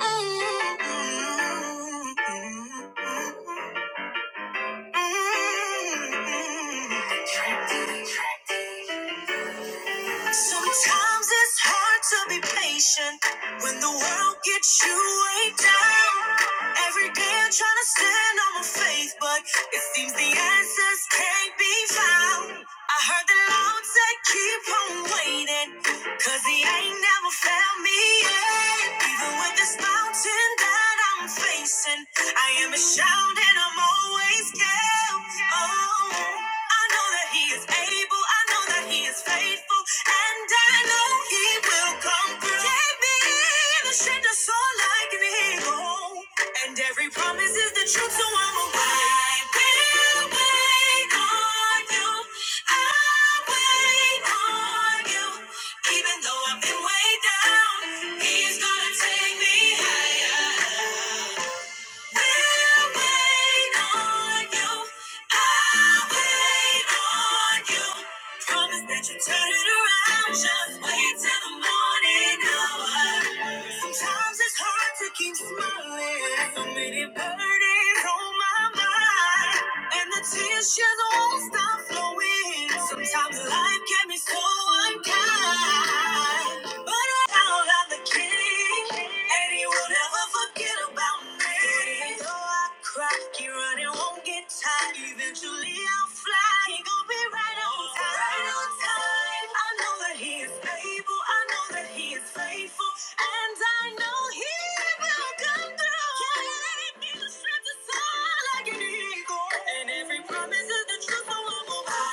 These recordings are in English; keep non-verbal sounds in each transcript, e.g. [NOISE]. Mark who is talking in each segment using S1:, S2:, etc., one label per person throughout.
S1: Attractive, attractive. Sometimes it's hard to be patient when the world gets you way down. Every day I'm trying to stand on my faith, but it seems the answers can't be found. I heard the Lord say, keep on waiting, cause he ain't never found me yet. Even with this mountain that I'm facing, I am a shout and I'm always kept. Oh, down. I know that he is able, I know that he is faithful, and I know he will come through. Gave me the strength to soar like an eagle, and every promise is the truth, so I'm a wait. I will wait on you. I'll wait on you. Even though I've been way down, he's gonna take me higher. Turn it around, just wait till the morning hour. Sometimes it's hard to keep smiling. So many burdens on my mind, and the tears just won't stop flowing. Sometimes life can be so unkind, but I'm the king, and he will never forget about me. Though I cry, keep running, won't get tired. Eventually I'll fly, he gon' be right on time. Right on time. I know that he is able, I know that he is faithful, and I know he will come through. Yeah, he's the strength that's all I can eagle, and every promise is the truth, so I won't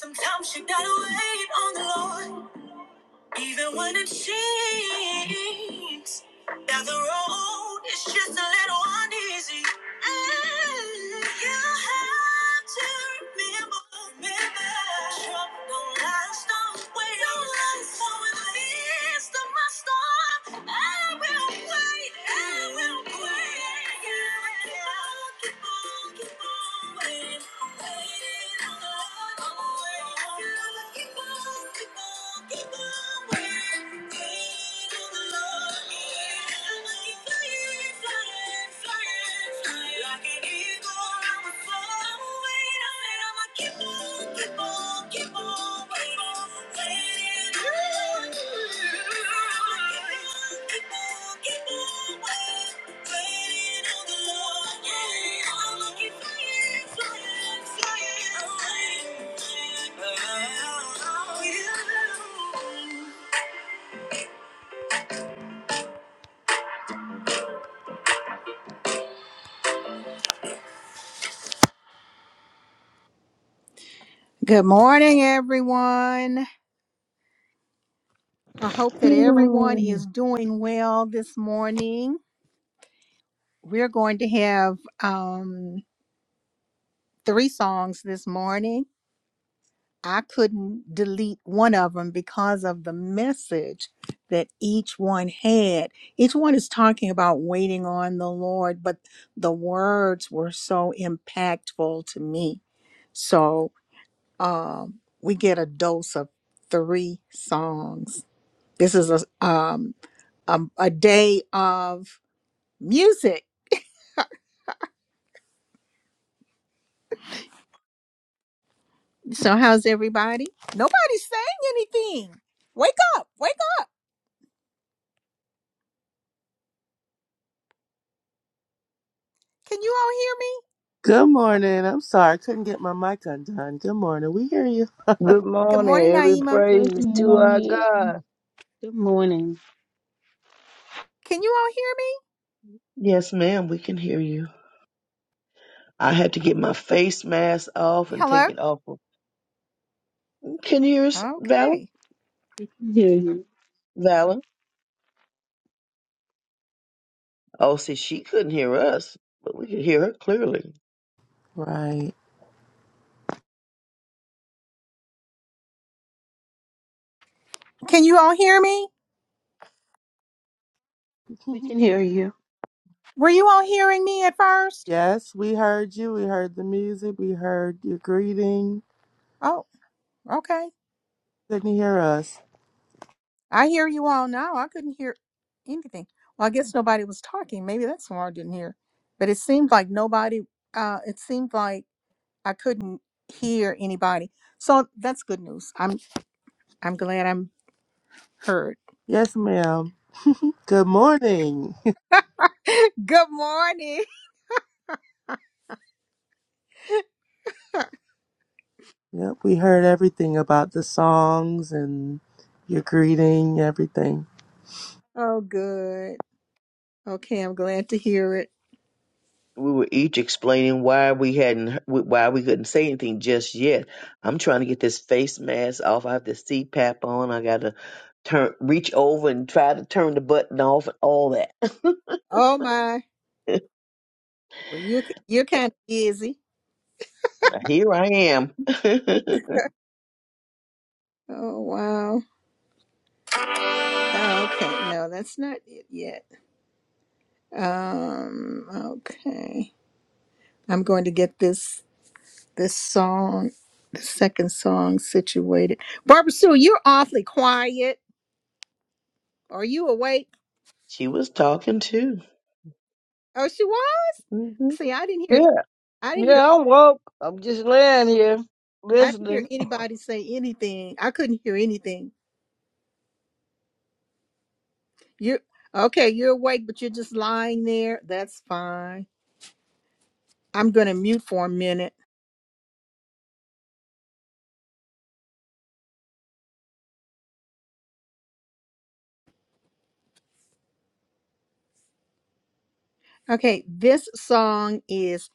S1: Sometimes you gotta wait on the Lord. Even when it seems now the road is just a little uneasy. Mm, you have to remember, remember. Trouble don't last always. Don't last So in the midst of my storm, I will wait. I will wait. I'll keep on, keep on waiting, waiting on the Lord, on the Lord. I'll keep on, keep on, keep on waiting. waiting. Thank you. Good morning, everyone. I hope that everyone is doing well this morning. We're going to have um, three songs this morning. I couldn't delete one of them because of the message that each one had. Each one is talking about waiting on the Lord, but the words were so impactful to me. So um, we get a dose of three songs. This is a um, a, a day of music. So how's everybody? Nobody's saying anything. Wake up, wake up. Can you all hear me?
S2: Good morning. I'm sorry, I couldn't get my mic undone. Good morning. We hear you.
S3: Good
S1: Good
S3: morning.
S1: morning,
S3: Every
S1: Naima.
S3: praise
S4: Good
S3: is to our
S4: morning.
S3: God.
S4: Good morning.
S1: Can you all hear
S5: Yes, ma'am, we can hear you. I had to get my face mask off
S1: me?
S5: and take it
S1: Hello?
S5: off. Can you hear us, Valor?
S1: Okay.
S4: We can hear you.
S5: Valor? Oh, see, she couldn't hear us, but we could hear her clearly.
S2: Right.
S1: Can you all hear me?
S4: We can
S2: [LAUGHS]
S4: hear you.
S1: Were you all hearing me at first?
S2: yes, we heard you. We heard the music. We heard your greeting.
S1: Oh, okay.
S2: Couldn't hear us.
S1: I hear you all now. I couldn't hear anything. Well, I guess nobody was talking. Maybe that's why I didn't hear. But it seemed like nobody uh it seemed like I couldn't hear anybody. So that's good news. I'm glad I'm heard.
S2: Yes, ma'am. Good morning.
S1: [LAUGHS] good morning.
S2: Yep, we heard everything about the songs and your greeting, everything.
S1: Oh, good. Okay, I'm glad to hear it.
S5: We were each explaining why we hadn't, why we couldn't say anything just yet. I'm trying to get this face mask off. I have the CPAP on. I got to turn, reach over and try to turn the button off and all that.
S1: Oh my, well, you you're kind of busy.
S5: [LAUGHS] Here I am.
S1: Oh wow. Oh, Okay, no, that's not it yet. Um, okay, I'm going to get this this song, the second song situated. Barbara Sue, you're awfully quiet. Are you awake?
S5: [LAUGHS] she was talking too.
S1: Oh, she was.
S5: hmm
S1: See, I didn't hear.
S3: Yeah,
S1: I didn't hear.
S3: yeah, I'm woke. I'm just laying here
S1: I didn't hear
S3: listening.
S1: anybody say anything. I couldn't hear anything. You okay? You're awake, but you're just lying there. That's fine. I'm going to mute for a minute. Okay, this song is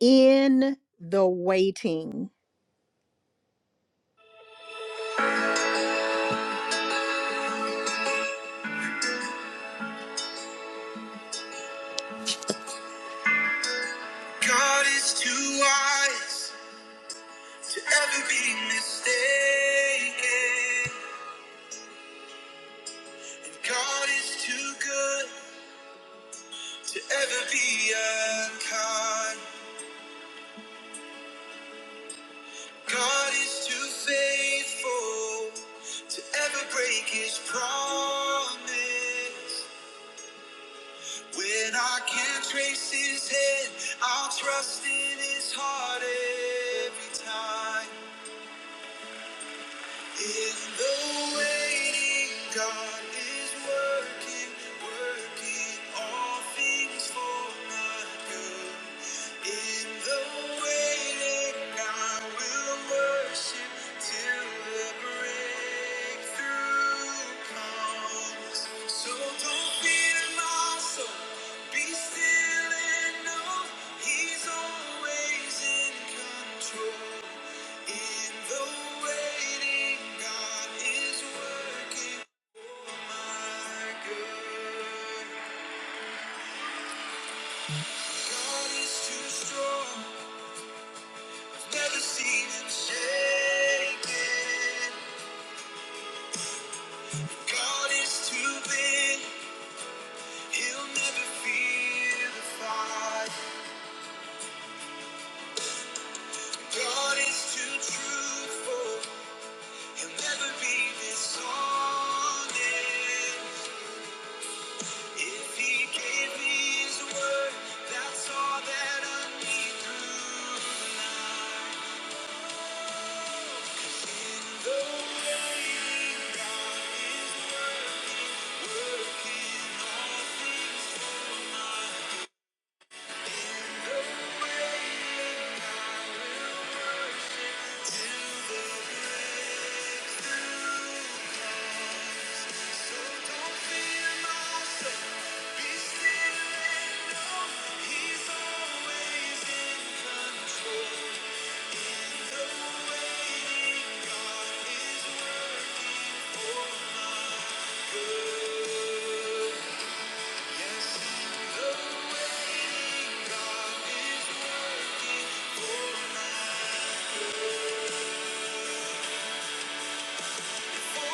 S1: in the waiting. God is too wise to ever be mistaken. God is too good to ever be unkind. God is too faithful to ever break his promise. When I can't trace his head, I'll trust in his heart every time. In the waiting, God is working, working all things for my good. In the waiting, I will worship till the breakthrough comes. So don't fear my soul, be still and know He's always in control. In the waiting, God is working for my good. God is too strong, never seen him shaken. God is too big, he'll never fear the fight. God is too truthful, he'll never be dishonest. If he gave me his word, that's all that I need through the night. Though raining down his word, working all things. Though raining down till the end. So don't fear my soul. Thank you. Thank you.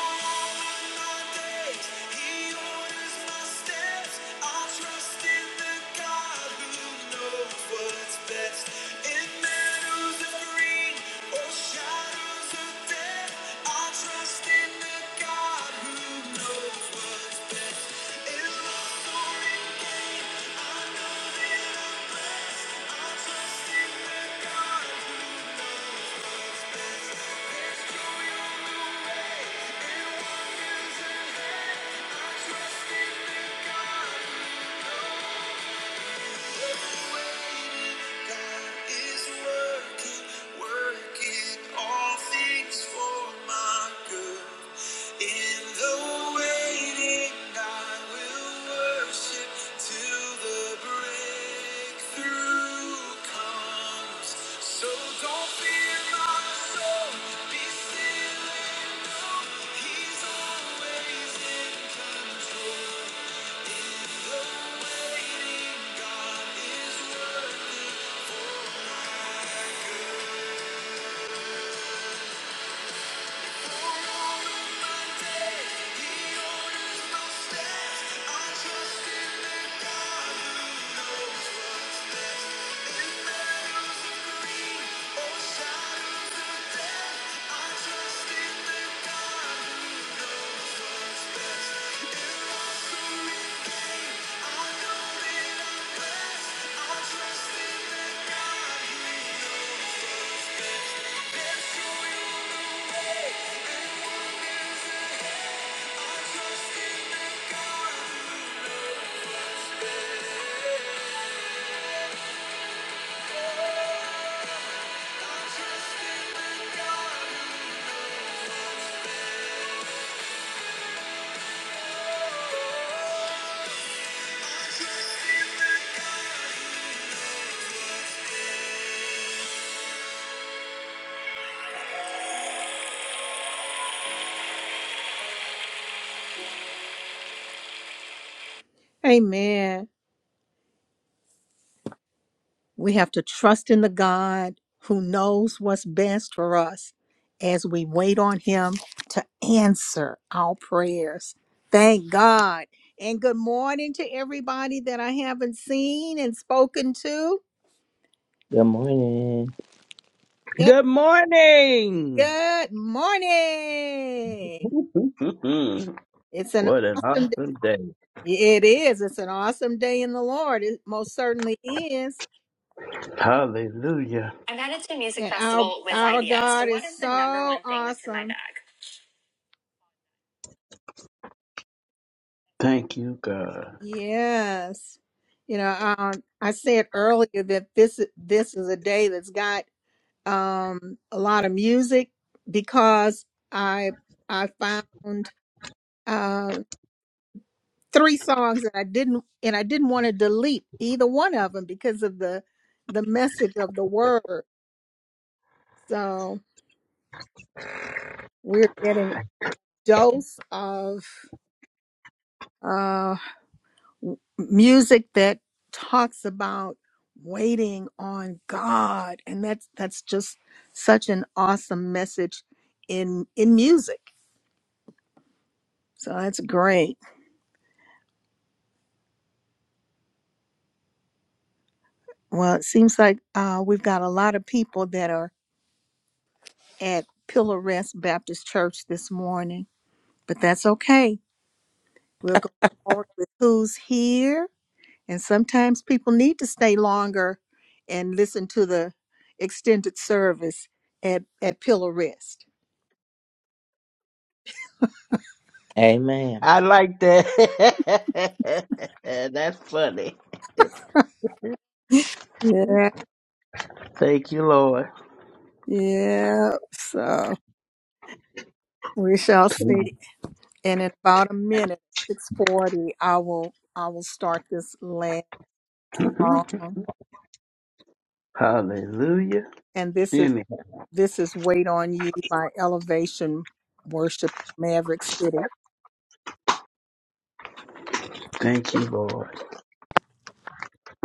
S1: So don't fear my soul, be still and know He's always in control. If The waiting God is worth it for my good. For all of my days, He orders my steps. I trust in the God who knows. Amen. We have to trust in the God who knows what's best for us as we wait on Him to answer our prayers. Thank God. And good morning to everybody that I haven't seen and spoken to.
S6: Good morning.
S1: Good,
S7: Good morning.
S1: good
S7: [LAUGHS]
S1: morning.
S7: what
S1: It's an
S7: an
S1: awesome day.
S7: awesome day.
S1: It is. It's an awesome day in the Lord. It most certainly is.
S7: Hallelujah.
S1: I'm added a music And our- festival with our, IBS. God so what is, is the number so one thing that's in my awesome. bag?
S7: Thank you, God.
S1: Yes. You know, um, I said earlier that this this is a day that's got um, a lot of music because I I found uh, three songs that I didn't and I didn't want to delete either one of them because of the the message of the word. So we're getting dose of uh, music that talks about waiting on God and that's that's just such an awesome message in in music. So that's great. Well, it seems like uh, we've got a lot of people that are at Pillar Rest Baptist Church this morning, but that's okay. We'll go forward with who's here, and sometimes people need to stay longer and listen to the extended service at at Pillar Rest.
S6: Amen.
S7: I like that. [LAUGHS] That's funny.
S1: Yeah,
S7: Thank you, Lord.
S1: yeah. So we shall
S7: [LAUGHS]
S1: see. And in about a minute, six forty, I will I will start this last song.
S7: Hallelujah.
S1: And this is
S7: Amen.
S1: this is "Wait on You" by Elevation Worship Maverick City.
S7: Thank you, Lord.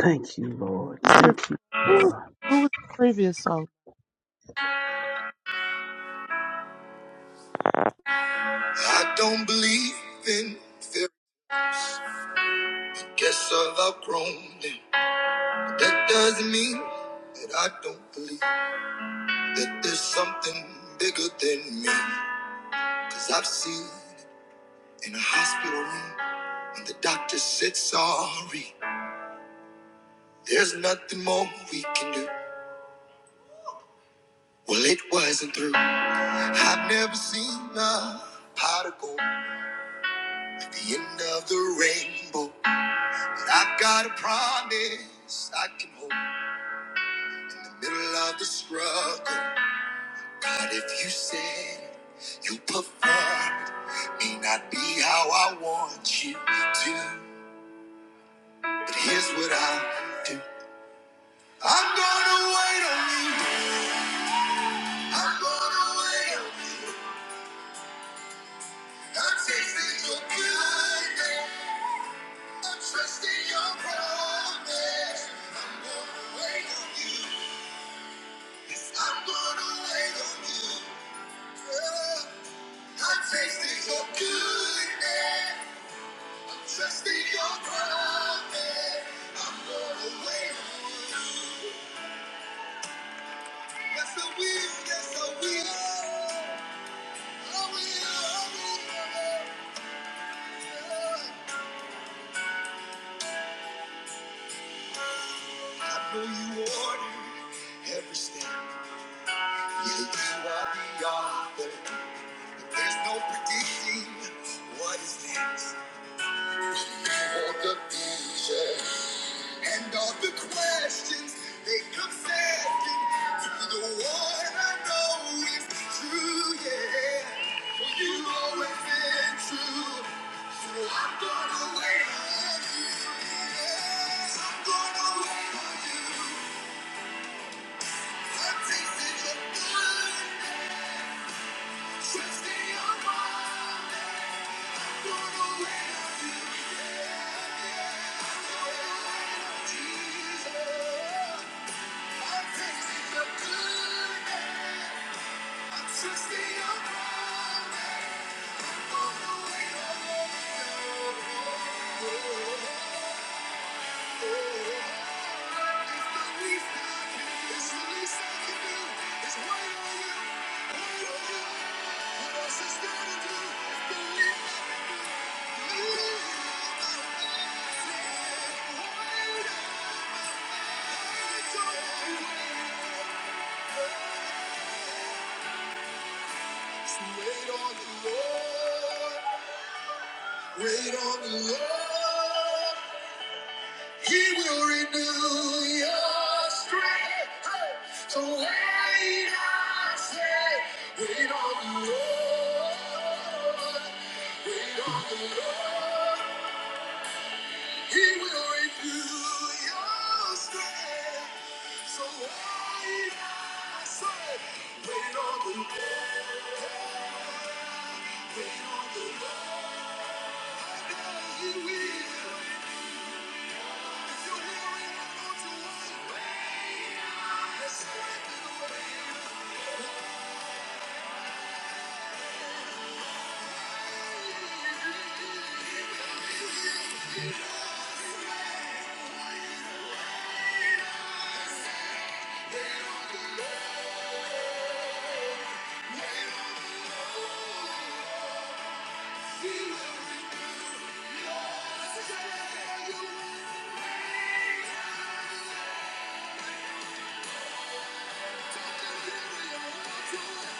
S7: Thank you, Lord. Thank you,
S2: Who was,
S7: Lord.
S2: who was the previous song?
S1: I don't believe in fear. Guess I've outgrown it. But That doesn't mean that I don't believe that there's something bigger than me. Cause I've seen. in a hospital room when the doctor said sorry there's nothing more we can do well it wasn't through i've never seen a particle at the end of the rainbow but i've got a promise i can hold in the middle of the struggle god if you said it, you perform it may not be how i want you to but here's what i'll do i'm gonna wait on you Trusting your promise, I'm gonna wait on you. Yes, I will. Yes, I will. I will. I will. Yeah. I know you order every step. Yeah, you are the author. But there's no predicting what is next. You hold the future and all the questions they come second to the one I know is true. Yeah, for you always been true. So I'm gonna wait on you. Yeah, I'm gonna wait on you. It's the least I can do. It's wait on you. Wait on you. Wait on the Lord. Wait on the Lord. He will renew your strength. Hey! So wait, I say, wait on the Lord. Wait on the Lord. He will renew your strength. So why not say, wait on the Lord, wait on the Lord, and He will. If you're hearing, I want you to wait. Yes, wait and wait. He will. He will. He will. Take your hearing, I want you to wait.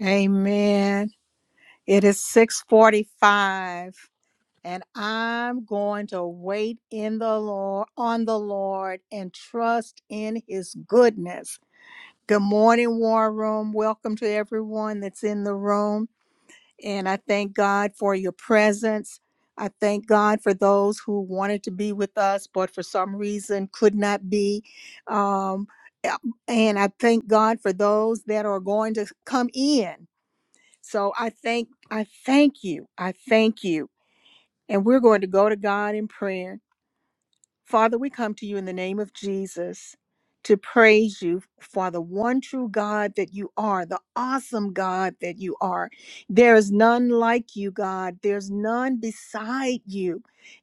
S1: Amen. It is 645 and I'm going to wait in the Lord on the Lord and trust in his goodness. Good morning, War Room. Welcome to everyone that's in the room. And I thank God for your presence. I thank God for those who wanted to be with us, but for some reason could not be. Um, a- and I thank God for those that are going to come in. So I thank, I thank you. I thank you. And we're going to go to God in prayer. Father, we come to you in the name of Jesus to praise you for the one true God that you are, the awesome God that you are. There is none like you, God. There's none beside you.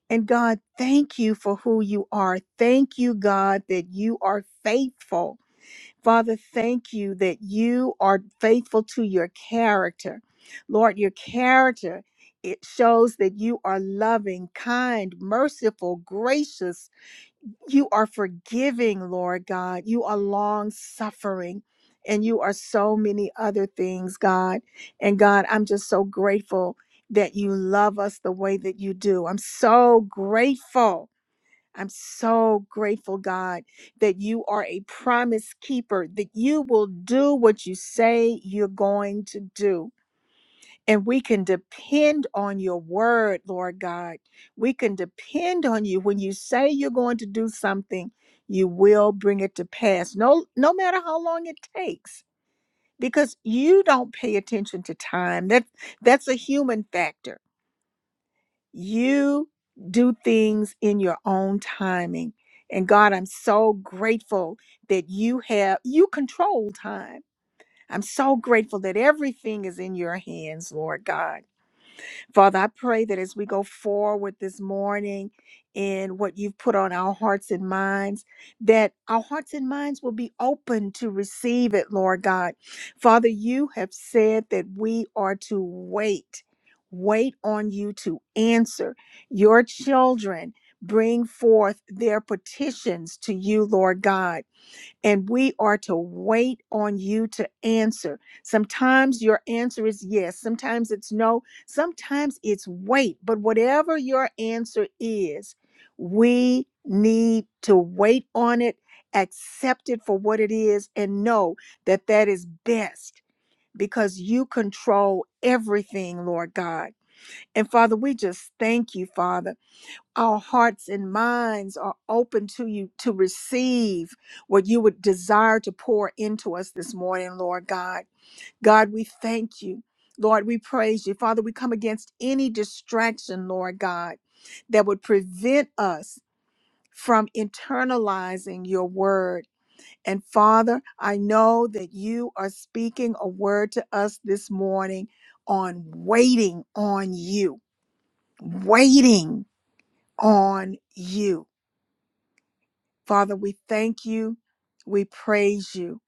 S1: And God, thank you for who you are. Thank you, God, that you are faithful. Father, thank you that you are faithful to your character. Lord, your character it shows that you are loving, kind, merciful, gracious, you are forgiving, Lord God. You are long suffering and you are so many other things, God. And God, I'm just so grateful that you love us the way that you do. I'm so grateful. I'm so grateful, God, that you are a promise keeper, that you will do what you say you're going to do. And we can depend on your word, Lord God. We can depend on you. When you say you're going to do something, you will bring it to pass. No, no matter how long it takes, because you don't pay attention to time. That that's a human factor. You do things in your own timing. And God, I'm so grateful that you have you control time. I'm so grateful that everything is in your hands, Lord God. Father, I pray that as we go forward this morning in what you've put on our hearts and minds, that our hearts and minds will be open to receive it, Lord God. Father, you have said that we are to wait, wait on you to answer your children. Bring forth their petitions to you, Lord God and we are to wait on you to answer. Sometimes your answer is yes, sometimes it's no, sometimes it's wait. But whatever your answer is, we need to wait on it, accept it for what it is, and know that that is best because you control everything, Lord God. And Father, we just thank you, Father our hearts and minds are open to you to receive what you would desire to pour into us this morning, Lord God. God, we thank you. Lord, we praise you. Father, we come against any distraction, Lord God, that would prevent us from internalizing your word. And Father, I know that you are speaking a word to us this morning on waiting on you, waiting on you. Father, we thank you, we praise you,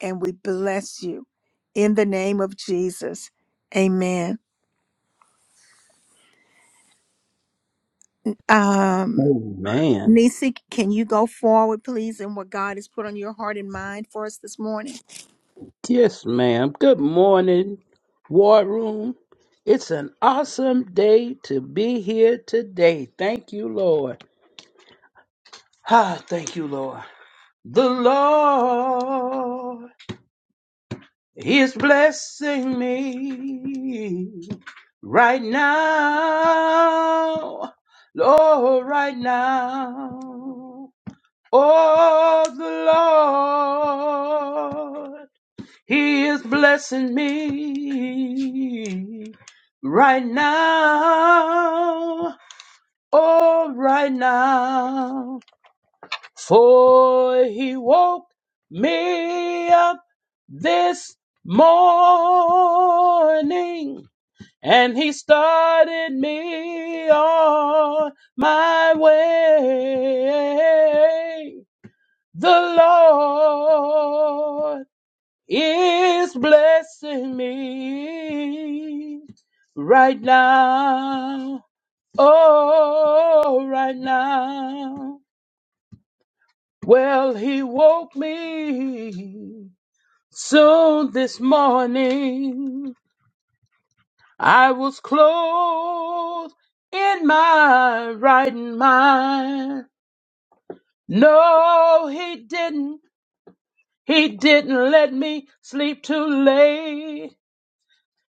S1: and we bless you in the name of Jesus. Amen. Um,
S7: Amen.
S1: Nisi, can you go forward, please, in what God has put on your heart and mind for us this morning?
S7: Yes, ma'am. Good morning, War Room. It's an awesome day to be here today. Thank you, Lord. Ah, thank you, Lord. The Lord is blessing me right now. Lord, right now. Oh, the Lord, He is blessing me right now. Oh, right now. for he woke me up this morning and he started me on my way. The Lord is blessing me right now. Oh, right now. Well, he woke me soon this morning. I was clothed in my right mind. No, he didn't. He didn't let me sleep too late.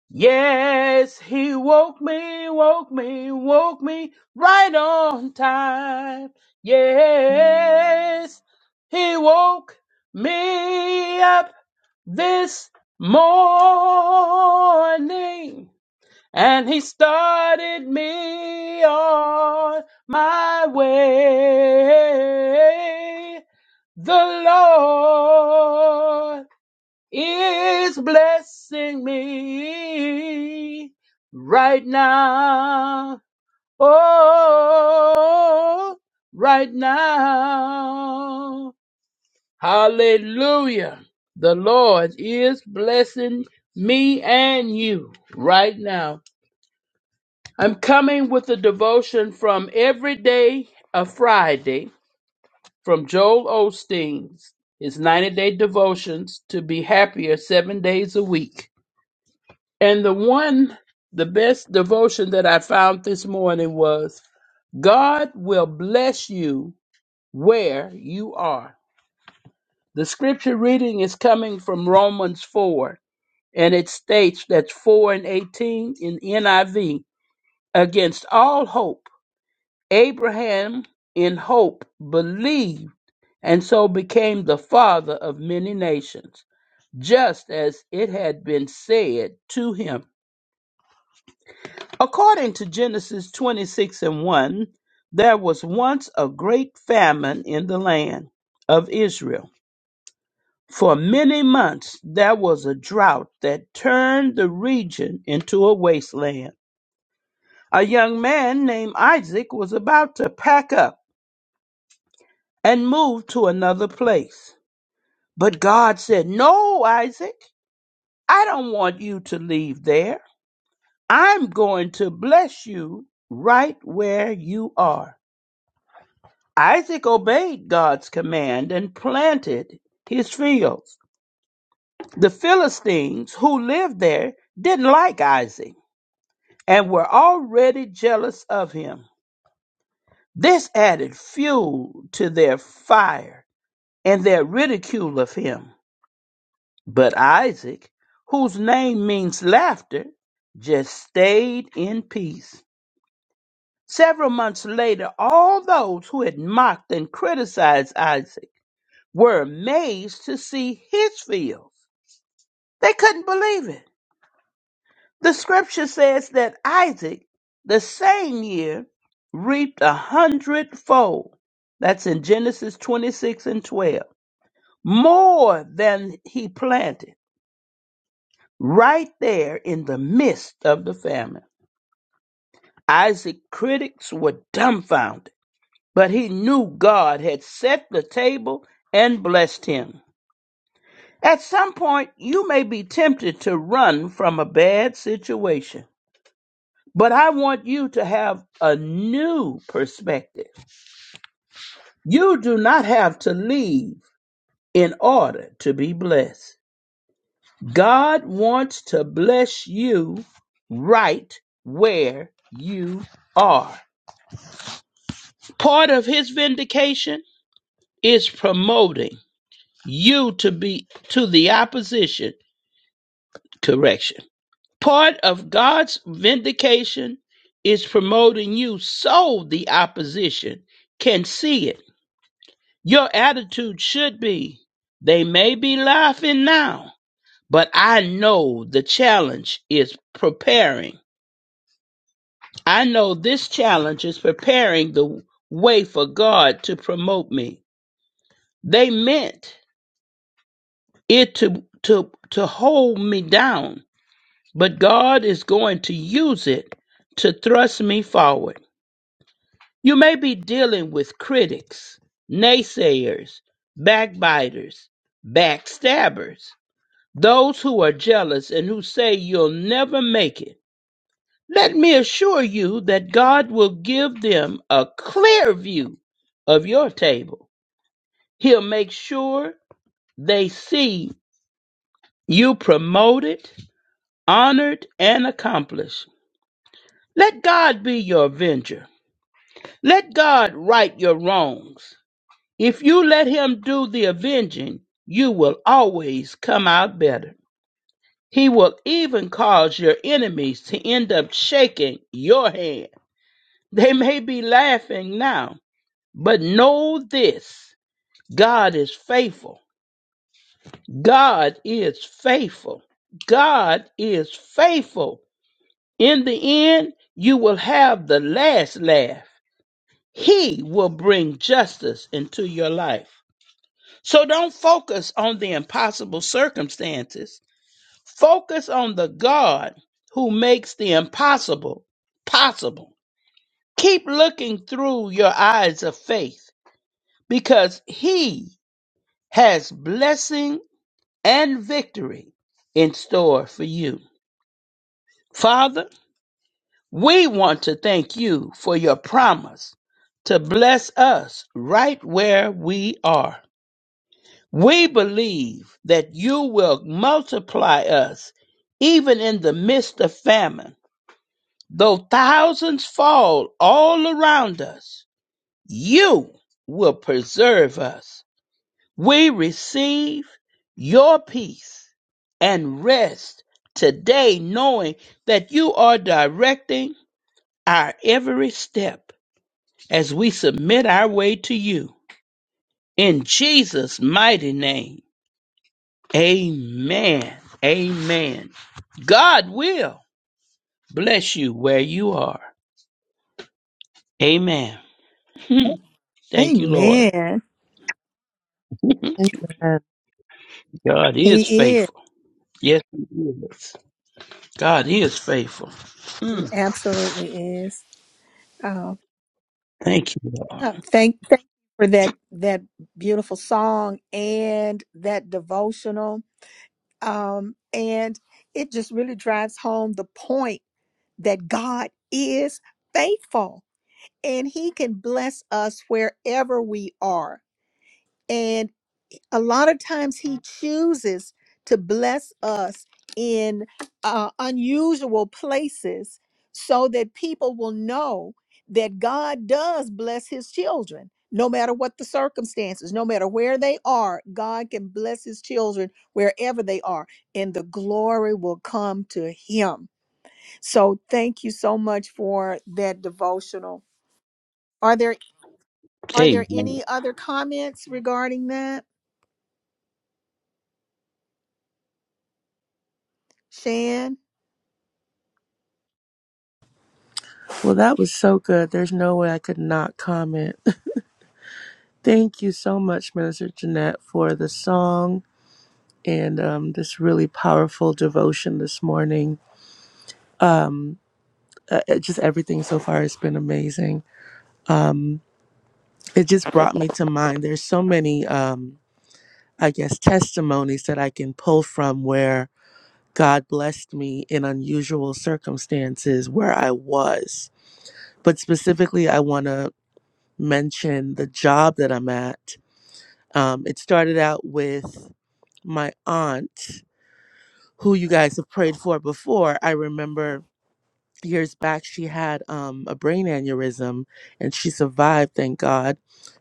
S7: Yes, he woke me, woke me, woke me right on time. Yes, he woke me up this morning and he started me on my way. The Lord is blessing me right now. Oh, right now. Hallelujah. The Lord is blessing me and you right now. I'm coming with a devotion from every day of Friday from Joel Osteen's. His 90 day devotions to be happier seven days a week. And the one, the best devotion that I found this morning was God will bless you where you are. The scripture reading is coming from Romans 4, and it states that's 4 and 18 in NIV. Against all hope, Abraham in hope believed and so became the father of many nations, just as it had been said to him According to Genesis 26 and 1, there was once a great famine in the land of Israel. For many months, there was a drought that turned the region into a wasteland. A young man named Isaac was about to pack up and move to another place. But God said, No, Isaac, I don't want you to leave there. I'm going to bless you right where you are. Isaac obeyed God's command and planted his fields. The Philistines who lived there didn't like Isaac and were already jealous of him. This added fuel to their fire and their ridicule of him. But Isaac, whose name means laughter, just stayed in peace. Several months later, all those who had mocked and criticized Isaac were amazed to see his fields. They couldn't believe it. The scripture says that Isaac, the same year, reaped a hundredfold. That's in Genesis 26 and 12. More than he planted, right there in the midst of the famine. Isaac's critics were dumbfounded, but he knew God had set the table and blessed him. At some point, you may be tempted to run from a bad situation, but I want you to have a new perspective. You do not have to leave in order to be blessed. God wants to bless you right where you are. Part of his vindication is promoting you to be to the opposition correction. Part of God's vindication is promoting you so the opposition can see it. Your attitude should be they may be laughing now, but I know the challenge is preparing. I know this challenge is preparing the way for God to promote me. They meant it to, to, to hold me down, but God is going to use it to thrust me forward. You may be dealing with critics, naysayers, backbiters, backstabbers, those who are jealous and who say you'll never make it. Let me assure you that God will give them a clear view of your table. He'll make sure they see you promoted, honored, and accomplished. Let God be your avenger. Let God right your wrongs. If you let him do the avenging, you will always come out better. He will even cause your enemies to end up shaking your hand. They may be laughing now, but know this God is faithful. God is faithful. God is faithful. In the end, you will have the last laugh. He will bring justice into your life. So don't focus on the impossible circumstances. Focus on the God who makes the impossible possible. Keep looking through your eyes of faith because He has blessing and victory in store for you. Father, we want to thank you for your promise to bless us right where we are. We believe that you will multiply us even in the midst of famine. Though thousands fall all around us, you will preserve us. We receive your peace and rest today, knowing that you are directing our every step as we submit our way to you. In Jesus' mighty name. Amen. Amen. God will bless you where you are. Amen. [LAUGHS] Thank you, Lord.
S1: Amen.
S2: Amen.
S7: God is
S1: He is.
S7: faithful. Yes, He is. God is faithful.
S1: He
S7: Hmm.
S1: absolutely is. Uh,
S7: Thank you, Lord.
S1: uh, thank, thank you for that that beautiful song and that devotional. Um, and it just really drives home the point that God is faithful and he can bless us wherever we are. And a lot of times he chooses to bless us in uh, unusual places so that people will know that God does bless his children. No matter what the circumstances, no matter where they are, God can bless his children wherever they are, and the glory will come to him. So thank you so much for that devotional. Are there are there
S7: Amen.
S1: any other comments regarding that, Shan?
S2: Well, that was so good. There's no way I could not comment. [LAUGHS] Thank you so much, Minister Jeanette, for the song and um, this really powerful devotion this morning. Um, uh, uh, just everything so far has been amazing. Um, it just brought me to mind. There's so many, um, I guess, testimonies that I can pull from where God blessed me in unusual circumstances where I was. But specifically, I want to mention the job that I'm at. Um, it started out with my aunt, who you guys have prayed for before. I remember years back she had um, a brain aneurysm and she survived thank god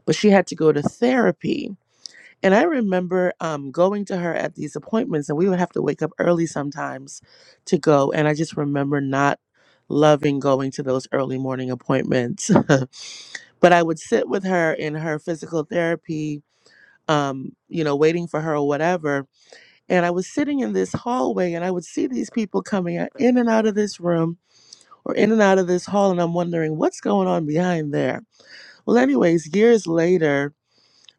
S2: but she had to go to therapy and i remember um, going to her at these appointments and we would have to wake up early sometimes to go and i just remember not loving going to those early morning appointments [LAUGHS] but i would sit with her in her physical therapy um, you know waiting for her or whatever and i was sitting in this hallway and i would see these people coming out- in and out of this room or in and out of this hall, and I'm wondering what's going on behind there. Well, anyways, years later,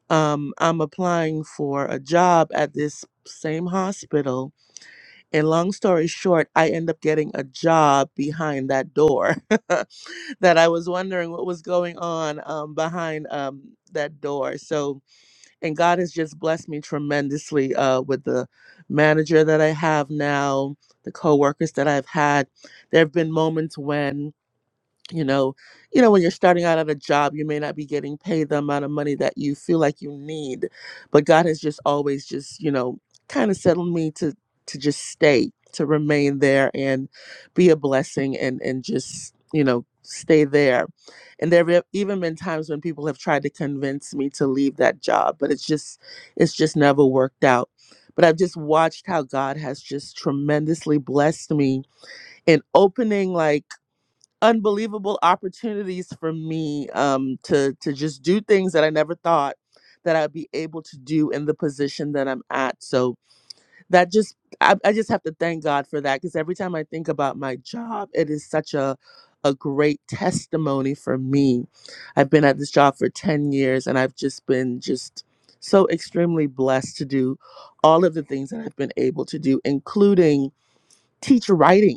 S2: um, I'm applying for a job at this same hospital. And long story short, I end up getting a job behind that door [LAUGHS] that I was wondering what was going on um, behind um, that door. So, and God has just blessed me tremendously uh, with the manager that I have now, the coworkers that I've had. There have been moments when you know you know when you're starting out at a job you may not be getting paid the amount of money that you feel like you need but god has just always just you know kind of settled me to to just stay to remain there and be a blessing and and just you know stay there and there have even been times when people have tried to convince me to leave that job but it's just it's just never worked out but i've just watched how god has just tremendously blessed me in opening like unbelievable opportunities for me um, to to just do things that I never thought that I'd be able to do in the position that I'm at. So that just I, I just have to thank God for that because every time I think about my job, it is such a a great testimony for me. I've been at this job for 10 years and I've just been just so extremely blessed to do all of the things that I've been able to do, including teach writing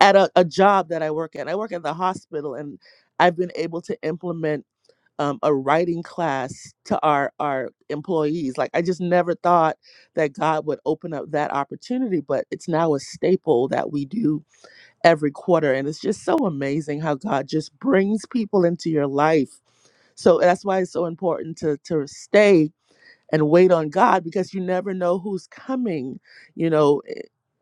S2: at a, a job that I work at. I work at the hospital, and I've been able to implement um, a writing class to our our employees. Like I just never thought that God would open up that opportunity, but it's now a staple that we do every quarter, and it's just so amazing how God just brings people into your life. So that's why it's so important to to stay and wait on God because you never know who's coming. You know,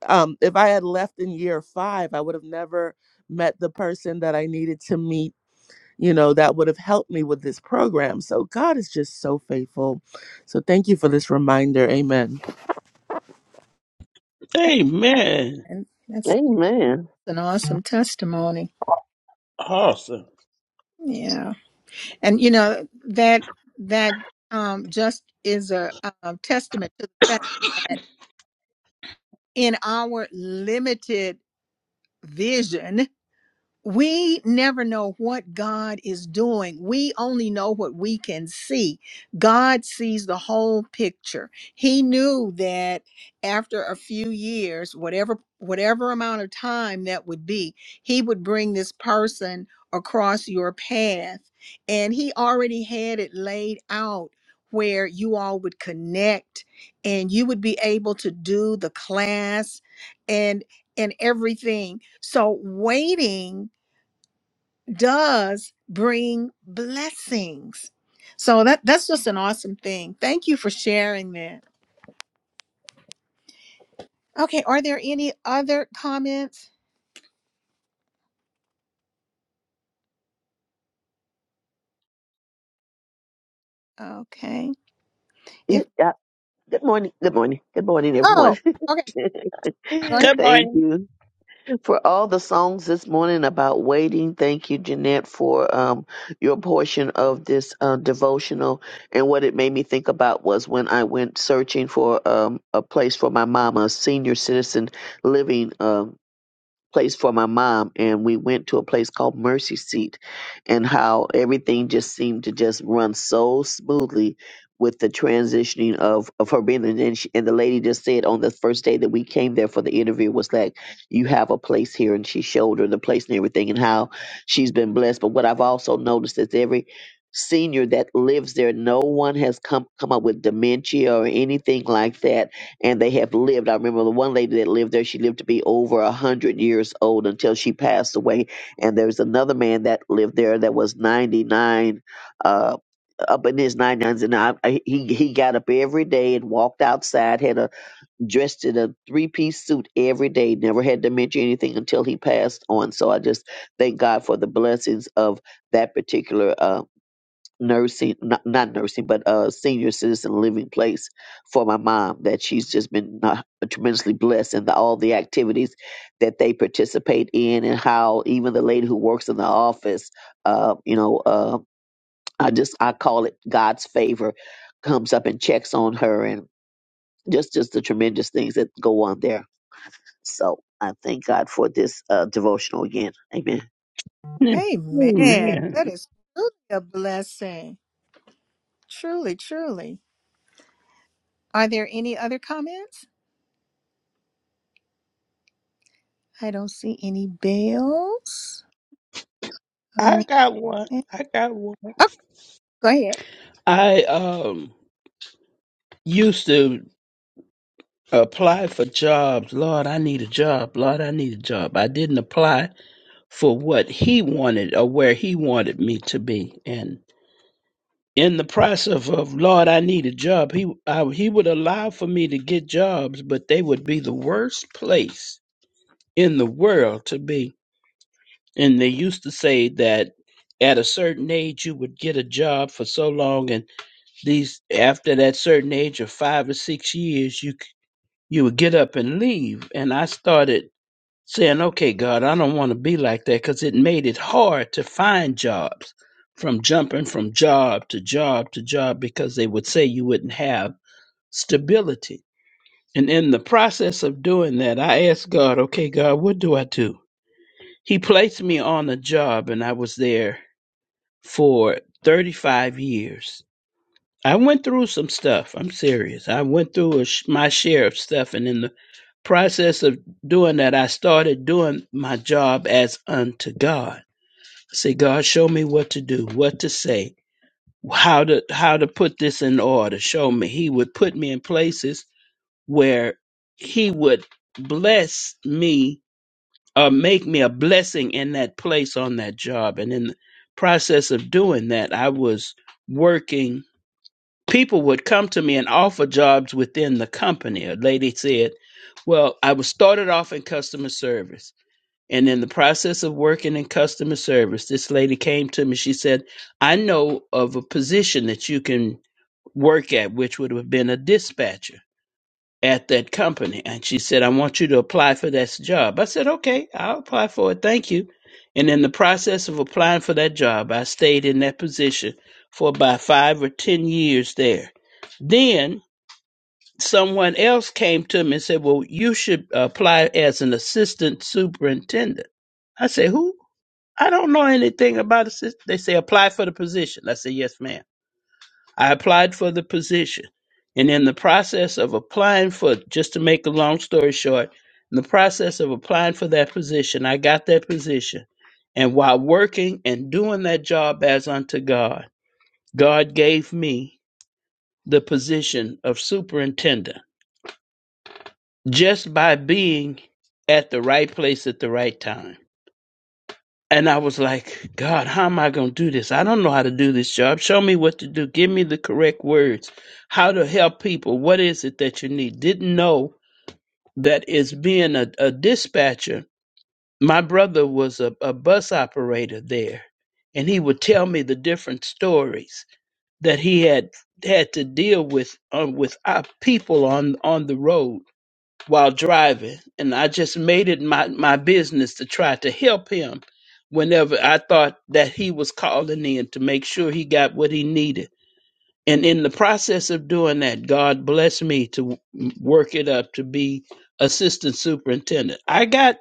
S2: um, if I had left in year five, I would have never met the person that I needed to meet, you know, that would have helped me with this program. So God is just so faithful. So thank you for this reminder. Amen.
S7: Amen.
S1: And that's
S5: Amen.
S1: an awesome testimony.
S7: Awesome.
S1: Yeah. And you know that that um, just is a, um testament to the fact that in our limited vision we never know what God is doing. We only know what we can see. God sees the whole picture. He knew that after a few years, whatever whatever amount of time that would be, he would bring this person across your path. And he already had it laid out where you all would connect and you would be able to do the class and and everything. So waiting does bring blessings. So that that's just an awesome thing. Thank you for sharing that. Okay, are there any other comments? Okay. If
S5: It. Good morning. Good morning. Good morning, everyone.
S1: oh, okay,
S5: [LAUGHS]
S1: go ahead.
S7: Good
S5: Thank
S7: morning.
S5: you for all the songs this morning about waiting. Thank you, Jeanette, for um, your portion of this uh, devotional. And what it made me think about was when I went searching for um, a place for my mama, a senior citizen living. Um place for my mom and we went to a place called Mercy Seat and how everything just seemed to just run so smoothly with the transitioning of, of her being there. and then she, and the lady just said on the first day that we came there for the interview was like you have a place here and she showed her the place and everything and how she's been blessed but what I've also noticed is every senior that lives there no one has come come up with dementia or anything like that and they have lived. I remember the one lady that lived there, she lived to be over a hundred years old until she passed away. And there was another man that lived there that was ninety nine, uh, up in his nine nines, and I, I- he he got up every day and walked outside, had a dressed in a three piece suit every day, never had dementia or anything until he passed on. So I just thank God for the blessings of that particular. uh, nursing not, not nursing but a senior citizen living place for my mom that she's just been uh, tremendously blessed in the, all the activities that they participate in and how even the lady who works in the office uh you know uh i just i call it god's favor comes up and checks on her and just just the tremendous things that go on there so i thank god for this uh devotional again amen
S1: Amen.
S7: Amen.
S1: That is truly a blessing. Truly, truly. Are there any other comments? I don't see any bells. Okay.
S7: I got one. I got one.
S1: Okay, go ahead.
S7: I um used to apply for jobs. Lord, I need a job. Lord, I need a job. I didn't apply for what he wanted or where he wanted me to be. And in the process of Lord, I need a job, he I, he would allow for me to get jobs, but they would be the worst place in the world to be. And they used to say that at a certain age you would get a job for so long and these after that certain age of 5 or 6 years you c- you would get up and leave and I started saying, okay, God, I don't want to be like that because it made it hard to find jobs from jumping from job to job to job because they would say you wouldn't have stability. And in the process of doing that, I asked God, okay, God, what do I do? He placed me on a job and I was there for 35 years. I went through some stuff. I'm serious. I went through a sh- my share of stuff, and in the process of doing that, I started doing my job as unto God. I Say, God, show me what to do, what to say, how to how to put this in order. Show me. He would put me in places where He would bless me or make me a blessing in that place on that job. And in the process of doing that, I was working people would come to me and offer jobs within the company. A lady said, Well, I was started off in customer service. And in the process of working in customer service, this lady came to me. She said, I know of a position that you can work at, which would have been a dispatcher at that company. And she said, I want you to apply for this job. I said, okay, I'll apply for it. Thank you. And in the process of applying for that job, I stayed in that position for about five or 10 years there. Then someone else came to me and said, well, you should apply as an assistant superintendent. I said, who? I don't know anything about assistant. They say apply for the position. I said, yes, ma'am. I applied for the position. And in the process of applying for, just to make a long story short, in the process of applying for that position, I got that position. And while working and doing that job as unto God, God gave me the position of superintendent just by being at the right place at the right time. And I was like, God, how am I going to do this? I don't know how to do this job. Show me what to do. Give me the correct words, how to help people. What is it that you need? Didn't know that as being a, a dispatcher, my brother was a, a bus operator there, and he would tell me the different stories that he had had to deal with um, with our people on on the road while driving, and I just made it my, my business to try to help him whenever I thought that he was calling in to make sure he got what he needed. And in the process of doing that, God blessed me to w- work it up to be assistant superintendent. I got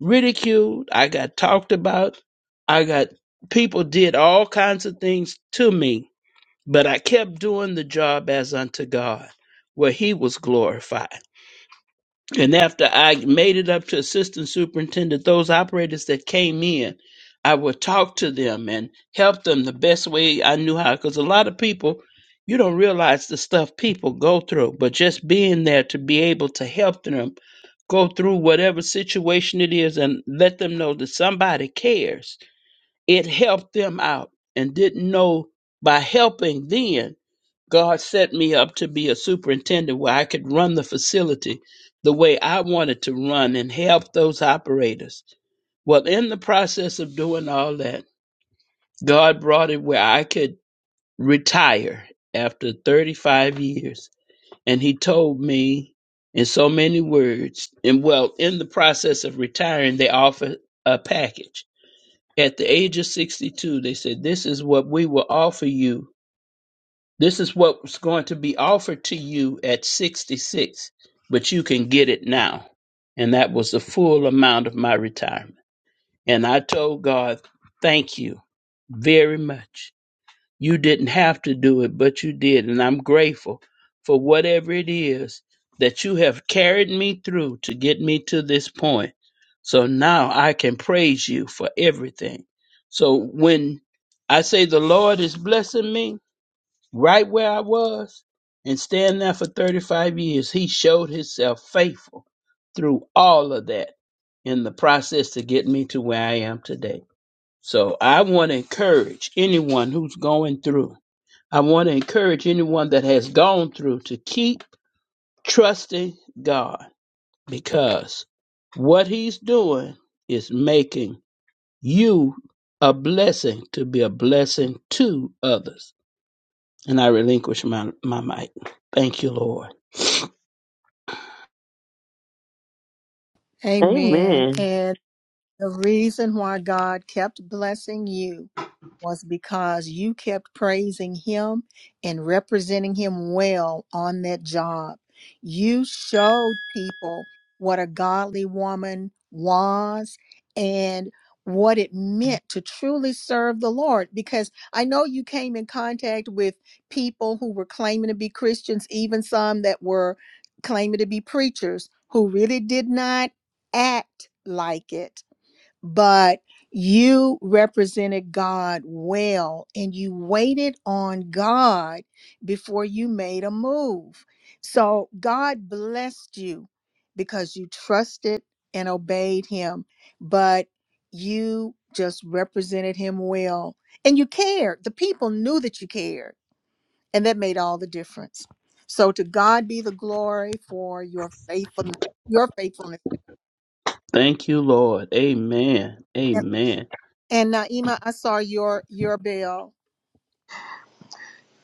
S7: ridiculed, I got talked about, I got people did all kinds of things to me, but I kept doing the job as unto God, where He was glorified. And after I made it up to assistant superintendent, those operators that came in, I would talk to them and help them the best way I knew how. Because a lot of people, you don't realize the stuff people go through, but just being there to be able to help them go through whatever situation it is and let them know that somebody cares, it helped them out and didn't know by helping then. God set me up to be a superintendent where I could run the facility the way I wanted to run and help those operators. Well, in the process of doing all that, God brought it where I could retire after 35 years. And He told me in so many words, and well, in the process of retiring, they offered a package. At the age of 62, they said, This is what we will offer you this is what's going to be offered to you at 66, but you can get it now. And that was the full amount of my retirement. And I told God, thank you very much. You didn't have to do it, but you did. And I'm grateful for whatever it is that you have carried me through to get me to this point. So now I can praise you for everything. So when I say the Lord is blessing me, right where I was and stand there for 35 years, he showed himself faithful through all of that in the process to get me to where I am today. So I want to encourage anyone who's going through, I want to encourage anyone that has gone through to keep trusting God because what he's doing is making you a blessing to be a blessing to others. And I relinquish my, my mic. Thank you, Lord.
S1: Amen.
S5: amen
S1: And The reason why God kept blessing you was because you kept praising Him and representing Him well on that job. You showed people what a godly woman was and what it meant to truly serve the Lord. Because I know you came in contact with people who were claiming to be Christians, even some that were claiming to be preachers who really did not act like it but you represented God well and you waited on God before you made a move. So God blessed you because you trusted and obeyed Him, but you just represented Him well and you cared. The people knew that you cared, and that made all the difference. So to God be the glory for your faithfulness, your faithfulness.
S7: Thank you, Lord. Amen. Amen.
S1: And Naima, I saw your your bell.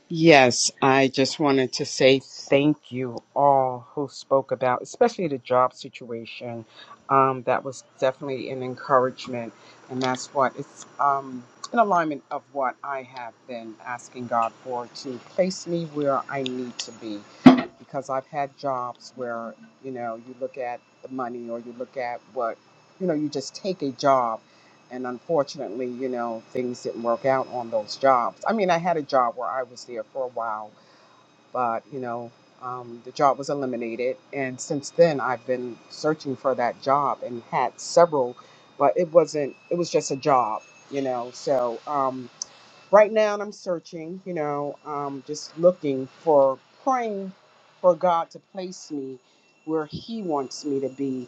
S4: Yes, I just wanted to say thank you all who spoke about, especially the job situation. Um, that was definitely an encouragement, and that's what it's um, an alignment of what I have been asking God for to place me where I need to be, because I've had jobs where you know you look at the money or you look at what you know you just take a job and unfortunately, you know, things didn't work out on those jobs. I mean, I had a job where I was there for a while, but you know, um, the job was eliminated, and since then I've been searching for that job and had several, but it wasn't. It was just a job, you know. So. Um, right now and I'm searching, you know, um, just looking for praying for God to place me where He wants me to be.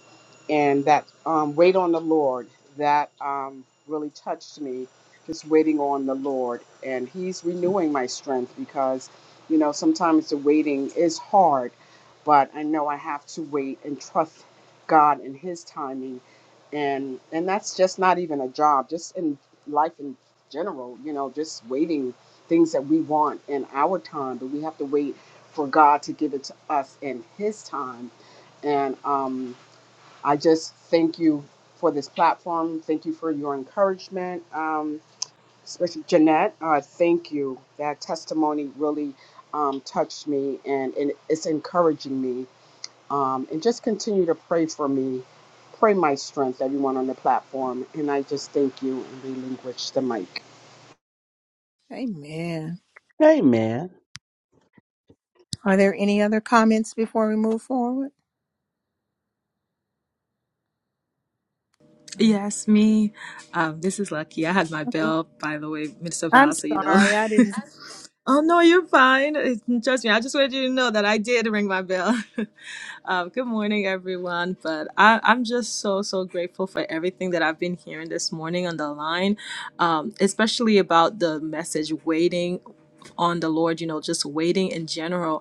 S4: And that um, wait on the Lord, that um, really touched me, just waiting on the Lord. And He's renewing my strength because, you know, sometimes the waiting is hard, but I know I have to wait and trust God and His timing. And, and that's just not even a job, just in life in general, you know, just waiting things that we want in our time, but we have to wait for God to give it to us in His time. And um, I just thank you for this platform. Thank you for your encouragement, um, especially Jeanette. Uh, thank you. That testimony really um, touched me and, and it's encouraging me. Um, and just continue to pray for me. Pray my strength, everyone on the platform. And I just thank you and relinquish the mic.
S1: Amen.
S7: Amen.
S1: Are there any other comments before we move forward? Okay.
S8: Yes, me. Um, this is Lucky. I had my bell, by the way, Mr.
S1: I'm
S8: Val, so you know.
S1: sorry,
S8: [LAUGHS]
S1: I didn't.
S8: Oh, no, you're fine. It's- Trust me, I just wanted you to know that I did ring my bell. [LAUGHS] um, good morning, everyone. But I, I'm just so, so grateful for everything that I've been hearing this morning on the line, um, especially about the message waiting on the Lord, you know, just waiting in general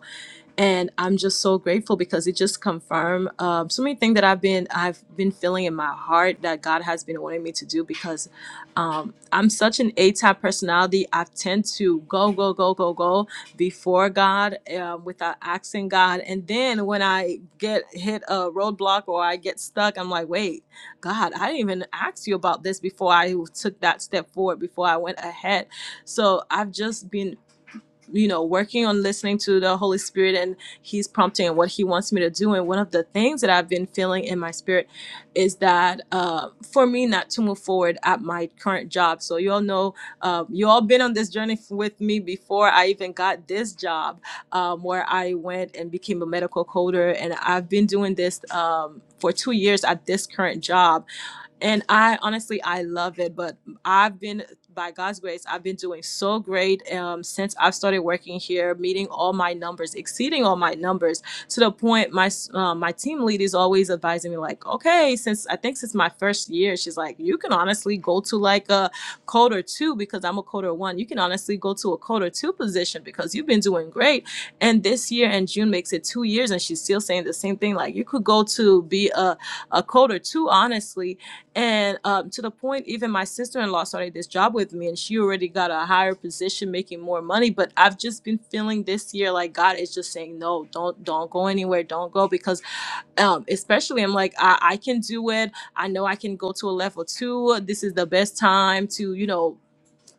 S8: and I'm just so grateful because it just confirmed um, so many things that I've been I've been feeling in my heart that God has been wanting me to do because um, I'm such an A type personality. I tend to go go go go go before God um, without asking God, and then when I get hit a roadblock or I get stuck, I'm like, wait, God, I didn't even ask you about this before I took that step forward before I went ahead. So I've just been you know working on listening to the holy spirit and he's prompting and what he wants me to do and one of the things that i've been feeling in my spirit is that uh, for me not to move forward at my current job so you all know uh, you all been on this journey f- with me before i even got this job um, where i went and became a medical coder and i've been doing this um, for two years at this current job and I honestly, I love it. But I've been, by God's grace, I've been doing so great um, since I've started working here, meeting all my numbers, exceeding all my numbers to the point my s- um, my team lead is always advising me, like, okay, since I think since my first year, she's like, you can honestly go to like a coder two because I'm a coder one. You can honestly go to a coder two position because you've been doing great. And this year in June makes it two years, and she's still saying the same thing, like, you could go to be a, a coder two, honestly and um, to the point, even my sister in law started this job with me, and she already got a higher position, making more money. But I've just been feeling this year like God is just saying, "No, don't, don't go anywhere, don't go," because um, especially I'm like, I, I can do it. I know I can go to a level two. This is the best time to, you know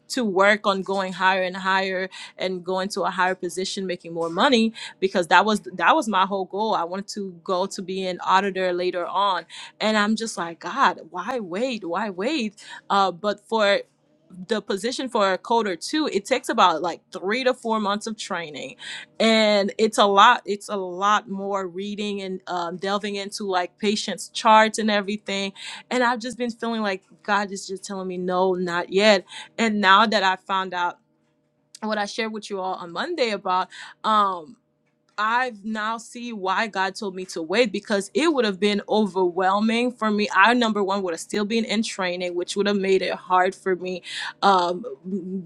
S8: to work on going higher and higher and going to a higher position making more money because that was that was my whole goal i wanted to go to be an auditor later on and i'm just like god why wait why wait uh, but for the position for a coder too it takes about like three to four months of training and it's a lot it's a lot more reading and um, delving into like patients charts and everything and i've just been feeling like god is just telling me no not yet and now that i found out what i shared with you all on monday about um I now see why God told me to wait because it would have been overwhelming for me. I number one would have still been in training, which would have made it hard for me um,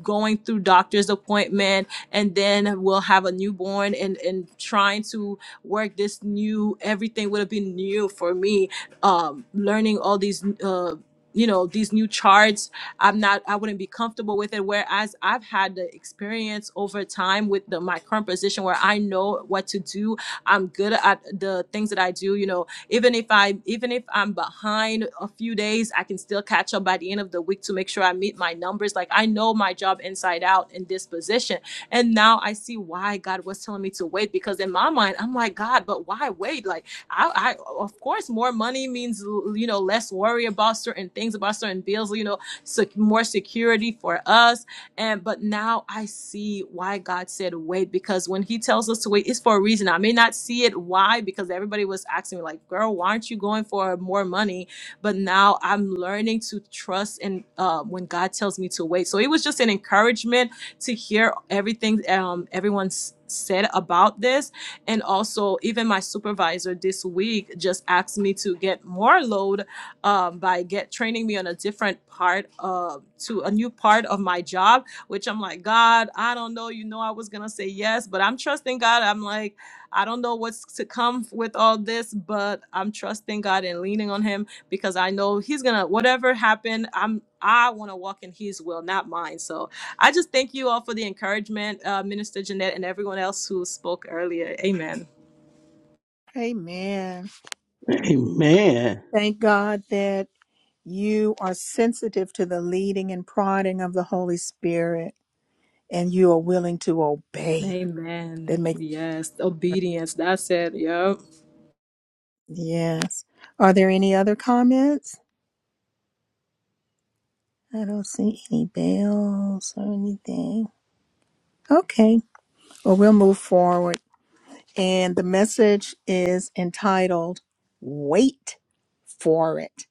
S8: going through doctor's appointment, and then we'll have a newborn and and trying to work this new everything would have been new for me. Um, learning all these, uh, you know, these new charts I'm not I wouldn't be comfortable with it. Whereas I've had the experience over time with the my current position where I know what to do. I'm good at the things that I do. You know, even if I even if I'm behind a few days, I can still catch up by the end of the week to make sure I meet my numbers. Like I know my job inside out in this position. And now I see why God was telling me to wait because in my mind, I'm like, God, but why wait? Like I, I of course more money means you know less worry about certain things, about certain bills, you know sec- more security for us. And but now I see why God said wait because when He tells us to wait, it's for a reason. I may not see it why because everybody was asking me like, "Girl, why aren't you going for more money?" But now I'm learning to trust in uh, when God tells me to wait. So it was just an encouragement to hear everything um, everyone's said about this and also even my supervisor this week just asked me to get more load um, by get training me on a different part of to a new part of my job, which I'm like, God, I don't know. You know, I was gonna say yes, but I'm trusting God. I'm like, I don't know what's to come with all this, but I'm trusting God and leaning on Him because I know He's gonna whatever happened, I'm I want to walk in His will, not mine. So I just thank you all for the encouragement, uh, Minister Jeanette, and everyone else who spoke earlier. Amen.
S1: Amen.
S7: Amen.
S1: Thank God that you are sensitive to the leading and prodding of the Holy Spirit and you are willing to obey.
S8: Amen.
S1: That makes
S8: Yes, obedience. That's it. Yep.
S1: yes. Are there any other comments? I don't see any bells or anything. Okay. Well, we'll move forward. And the message is entitled Wait for It.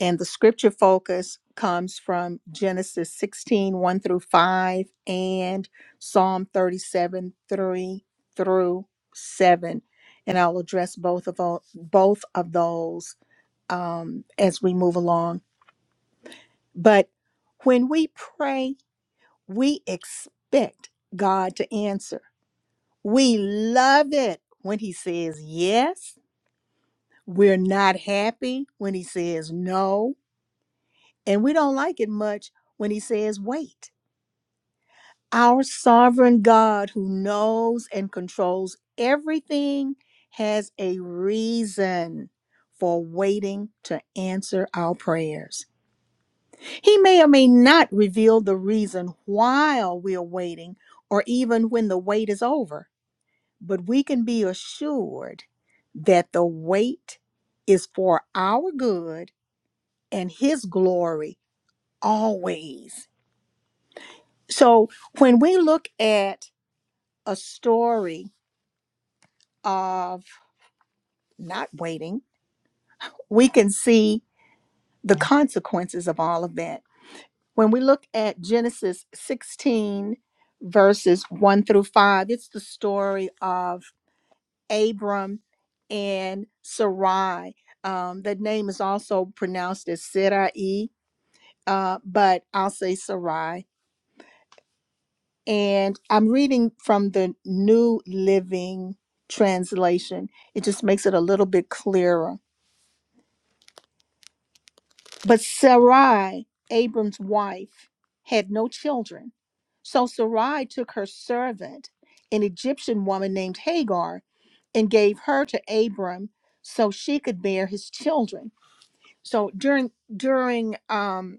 S1: And the scripture focus comes from Genesis sixteen one through 5 and Psalm 37 3 through 7. And I'll address both of all, both of those um, as we move along. But when we pray, we expect God to answer. We love it when He says yes We're not happy when he says no, and we don't like it much when he says wait. Our sovereign God, who knows and controls everything, has a reason for waiting to answer our prayers. He may or may not reveal the reason while we are waiting or even when the wait is over, but we can be assured that the wait is for our good and his glory always. So when we look at a story of not waiting, we can see the consequences of all of that. When we look at Genesis 16, verses 1 through 5, it's the story of Abram and Sarai. Um, the name is also pronounced as Sarai, uh, but I'll say Sarai and I'm reading from the New Living Translation. It just makes it a little bit clearer. But Sarai, Abram's wife, had no children. So Sarai took her servant, an Egyptian woman named Hagar, and gave her to Abram so she could bear his children. So during during um,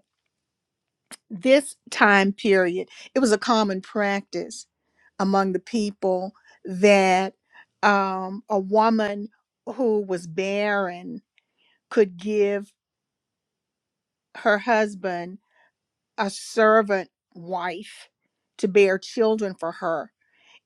S1: this time period, it was a common practice among the people that um, a woman who was barren could give her husband a servant wife to bear children for her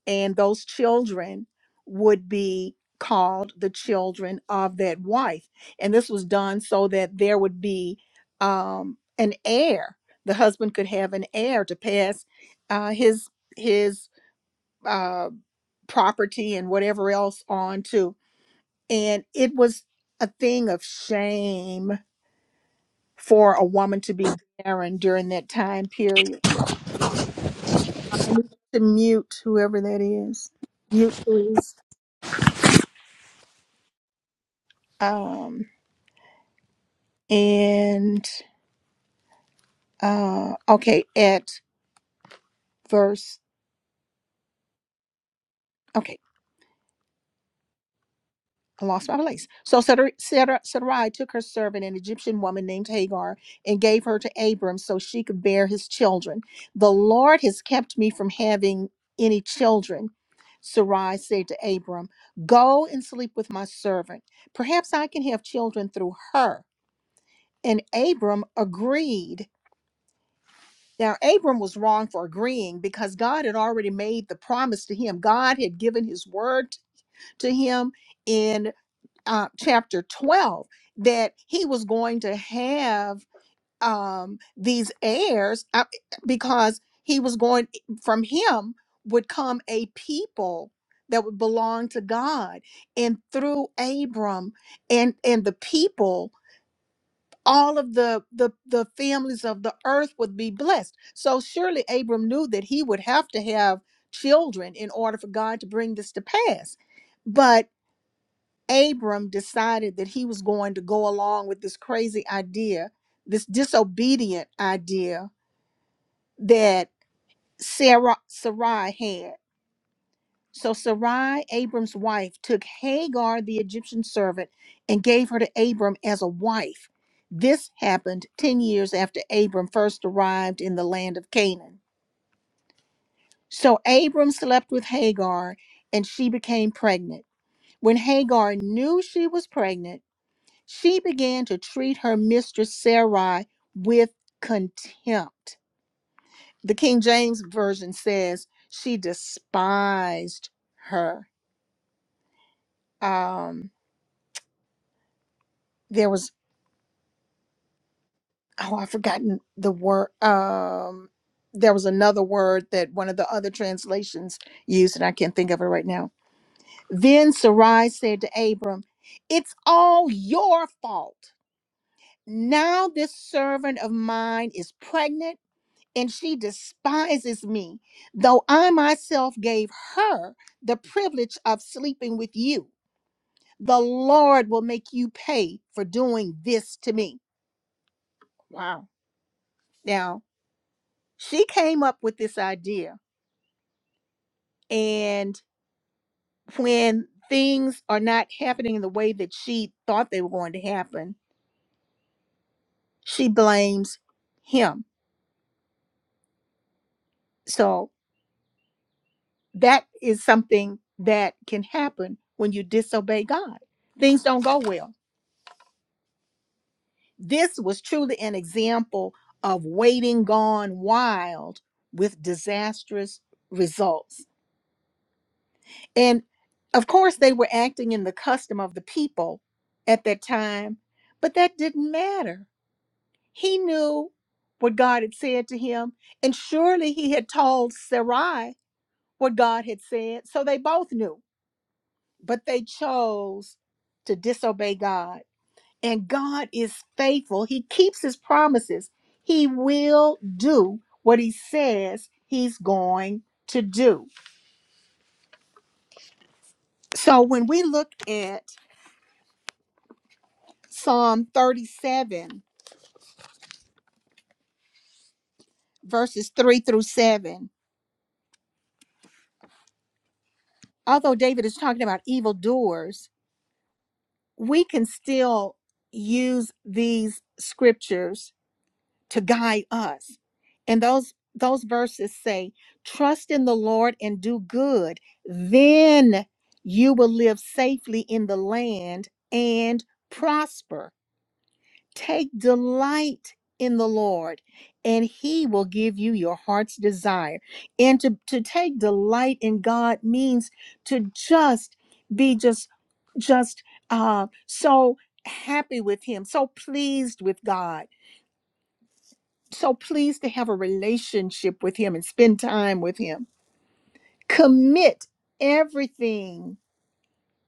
S1: and those children would be called the children of that wife. And this was done so that there would be um, an heir. The husband could have an heir to pass uh, his his uh, property and whatever else on to. And it was a thing of shame for a woman to be barren during that time period. I need to mute whoever that is. Mute, please. Um, and uh okay at verse okay I lost my place. So Sarai Sarai- Sarai took her servant, an Egyptian woman named Hagar, and gave her to Abram so she could bear his children. The Lord has kept me from having any children. Sarai said to Abram, Go and sleep with my servant. Perhaps I can have children through her. And Abram agreed. Now, Abram was wrong for agreeing because God had already made the promise to him. God had given his word to him in uh, chapter 12 that he was going to have um, these heirs uh, because he was going, from him would come a people that would belong to God. And through Abram and, and the people, all of the, the the families of the earth would be blessed so surely abram knew that he would have to have children in order for god to bring this to pass but abram decided that he was going to go along with this crazy idea this disobedient idea that sarah sarai had So Sarai, Abram's wife, took Hagar, the Egyptian servant, and gave her to Abram as a wife. This happened 10 years after Abram first arrived in the land of Canaan. So Abram slept with Hagar, and she became pregnant. When Hagar knew she was pregnant, she began to treat her mistress Sarai with contempt. The King James Version says she despised her. Um, there was oh i've forgotten the word um there was another word that one of the other translations used and i can't think of it right now then sarai said to abram it's all your fault now this servant of mine is pregnant and she despises me though i myself gave her the privilege of sleeping with you the lord will make you pay for doing this to me wow now she came up with this idea And when things are not happening the way that she thought they were going to happen, she blames him. So that is something that can happen when you disobey God. Things don't go well. This was truly an example of waiting gone wild with disastrous results. And of course, they were acting in the custom of the people at that time, but that didn't matter He knew what God had said to him, and surely he had told Sarai what God had said. So they both knew, but they chose to disobey God. And God is faithful, He keeps His promises. He will do what He says He's going to do. So when we look at Psalm 37, verses 3 through 7, although David is talking about evildoers, we can still use these scriptures to guide us and those those verses say trust in the lord and do good then you will live safely in the land and prosper Take delight in the Lord, and He will give you your heart's desire. And to, to take delight in God means to just be just just uh, so happy with Him, so pleased with God, so pleased to have a relationship with Him and spend time with Him. Commit everything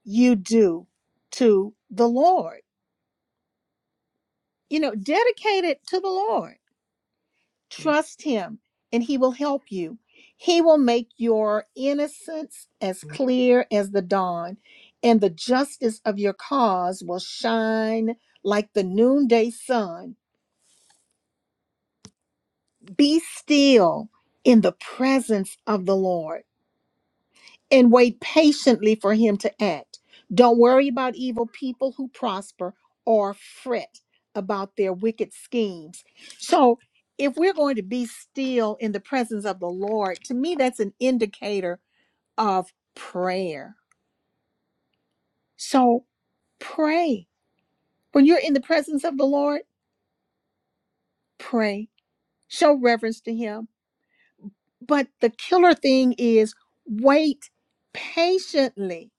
S1: you do to the Lord. You know, dedicate it to the Lord Trust Him and He will help you. He will make your innocence as clear as the dawn, and the justice of your cause will shine like the noonday sun. Be still in the presence of the Lord and wait patiently for him to act. Don't worry about evil people who prosper or fret about their wicked schemes. So, if we're going to be still in the presence of the Lord, to me, that's an indicator of prayer. So, pray. When you're in the presence of the Lord, pray, show reverence to Him. But the killer thing is wait patiently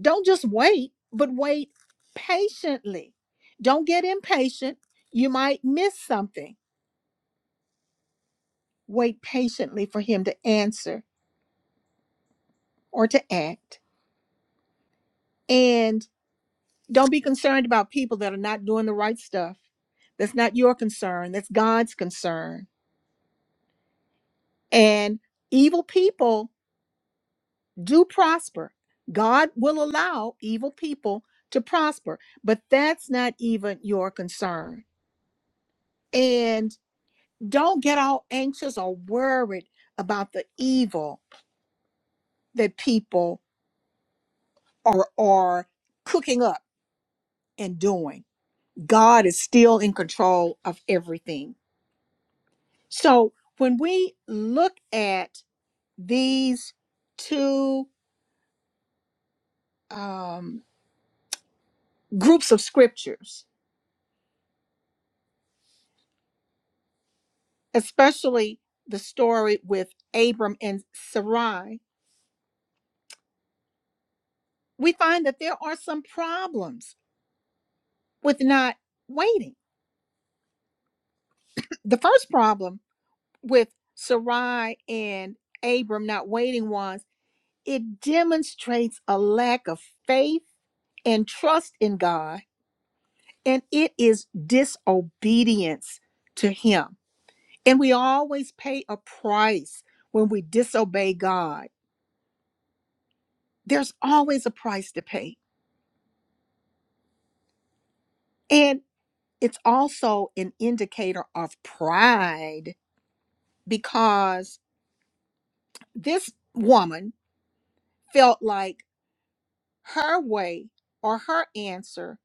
S1: Don't just wait, but wait patiently. Don't get impatient. You might miss something. Wait patiently for him to answer or to act. And don't be concerned about people that are not doing the right stuff. That's not your concern, that's God's concern. And evil people do prosper. God will allow evil people to prosper, but that's not even your concern. And Don't get all anxious or worried about the evil that people are, are cooking up and doing. God is still in control of everything. So when we look at these two um, groups of scriptures, especially the story with Abram and Sarai, we find that there are some problems with not waiting. The first problem with Sarai and Abram not waiting ones, it demonstrates a lack of faith and trust in God, and it is disobedience to Him. And we always pay a price when we disobey God. There's always a price to pay. And it's also an indicator of pride because this woman felt like her way or her answer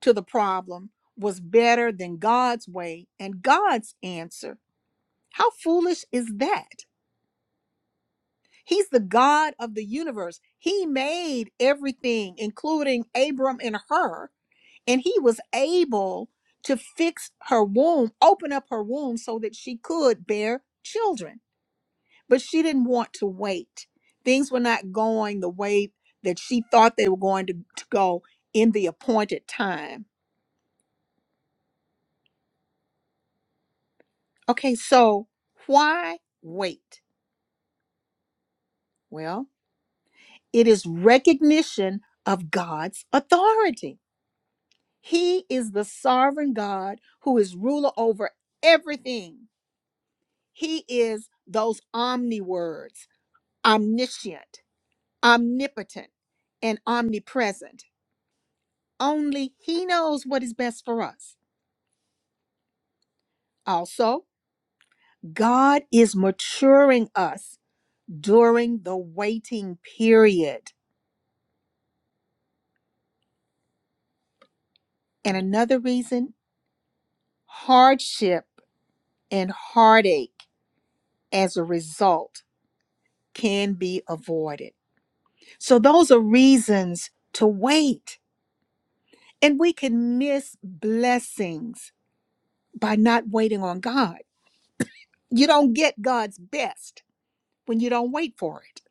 S1: to the problem was better than God's way and God's answer. How foolish is that? He's the God of the universe. He made everything, including Abram and her, and he was able to fix her womb, open up her womb so that she could bear children. But she didn't want to wait. Things were not going the way that she thought they were going to, to go in the appointed time. Okay, so why wait? Well, it is recognition of God's authority. He is the sovereign God who is ruler over everything. He is those omni words omniscient, omnipotent, and omnipresent. Only He knows what is best for us. Also, God is maturing us during the waiting period. And another reason hardship and heartache as a result can be avoided. So, those are reasons to wait. And we can miss blessings by not waiting on God. You don't get God's best when you don't wait for it.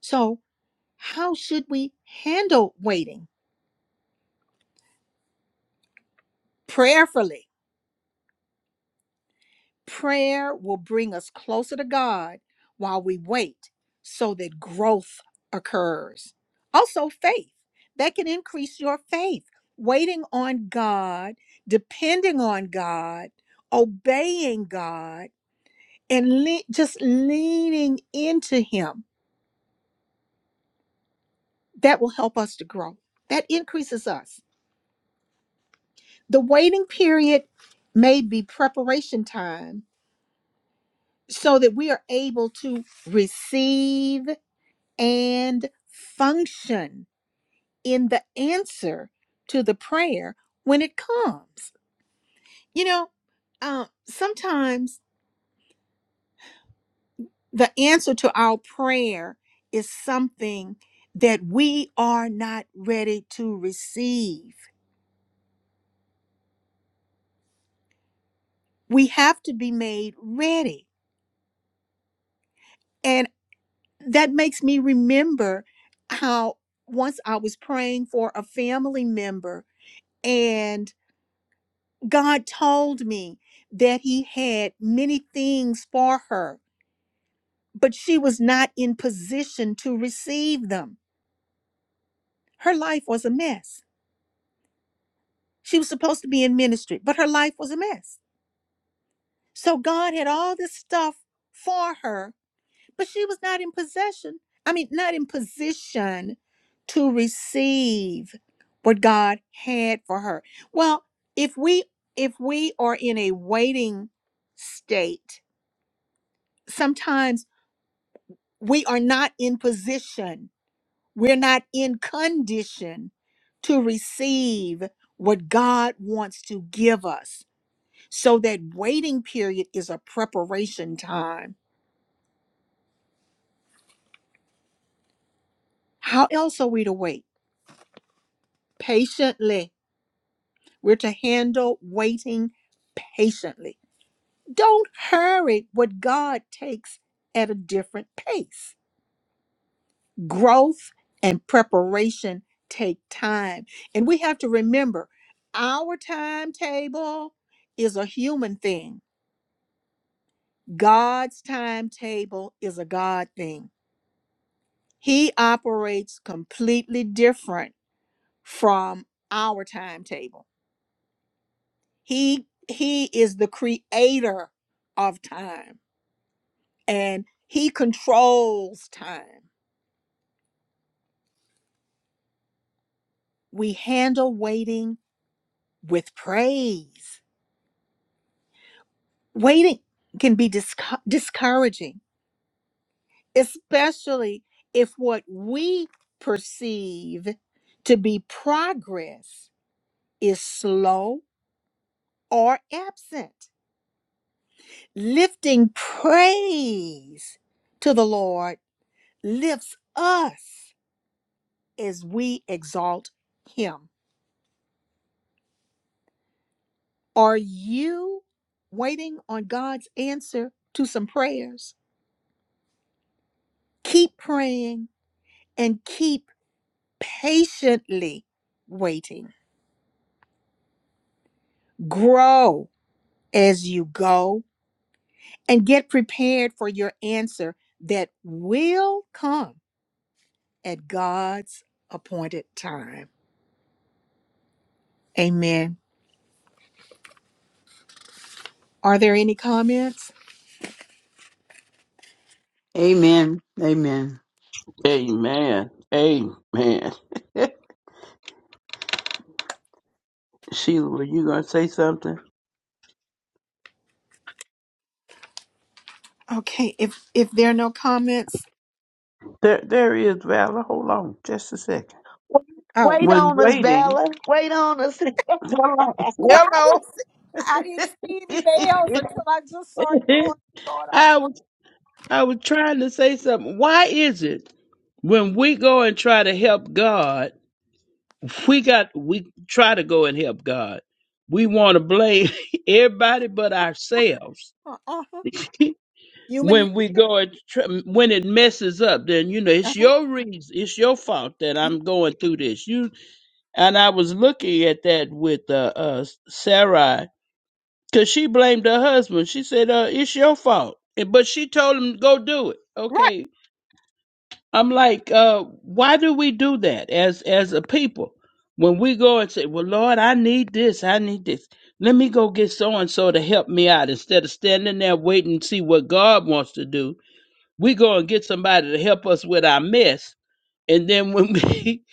S1: So, how should we handle waiting? Prayerfully Prayer will bring us closer to God while we wait so that growth occurs. Also, faith that can increase your faith. Waiting on God, depending on God, obeying God, and le- just leaning into Him. That will help us to grow. That increases us. The waiting period may be preparation time so that we are able to receive and function in the answer to the prayer when it comes. You know, uh, sometimes the answer to our prayer is something that we are not ready to receive. We have to be made ready. And that makes me remember how once I was praying for a family member and. God told me that He had many things for her, but she was not in position to receive them. Her life was a mess. She was supposed to be in ministry, but her life was a mess. So God had all this stuff for her, but she was not in possession. I mean, not in position to receive what God had for her. Well, if we if we are in a waiting state, sometimes we are not in position, we're not in condition to receive what God wants to give us. So that waiting period is a preparation time. How else are we to wait? Patiently. We're to handle waiting patiently. Don't hurry what God takes at a different pace. growth and preparation take time. And we have to remember our timetable is a human thing, God's timetable is a God thing. He operates completely different from our timetable. He he is the creator of time and he controls time. We handle waiting with praise waiting can be disco- discouraging, especially if what we perceive to be progress is slow or absent. Lifting praise to the Lord lifts us as we exalt Him. Are you waiting on God's answer to some prayers? Keep praying and keep patiently waiting. Grow as you go and get prepared for your answer that will come at God's appointed time. Amen. Are there any comments?
S9: Amen. Amen.
S7: Amen. Amen. [LAUGHS] Sheila, were you going to say something?
S1: Okay, if if there are no comments,
S7: There, there is Valor. Hold on just a second.
S1: oh
S5: wait
S7: When
S5: on us
S7: waiting,
S5: bella wait on us
S7: hello,
S1: well, I
S7: hello.
S1: didn't see, I didn't see any
S7: [LAUGHS]
S1: bells until I just saw it going, going off.
S7: I was, I was trying to say something. Why is it when we go and try to help God? we got we try to go and help God. We want to blame [LAUGHS] everybody but ourselves.
S1: Uh huh.
S7: [LAUGHS]
S1: Human nature.
S7: when we go and tr- when it messes up, then you know it's
S1: Uh-huh.
S7: your reason, it's your fault that I'm going through this. You and I was looking at that with uh, uh Sarai because she blamed her husband. She said, "Uh, it's your fault," And- but she told him go do it.
S1: Right.
S7: Okay, I'm like, uh, why do we do that as as a people? When we go and say, Well, Lord, I need this, I need this. Let me go get so and so to help me out instead of standing there waiting to see what God wants to do. We go and get somebody to help us with our mess. And then when [LAUGHS] we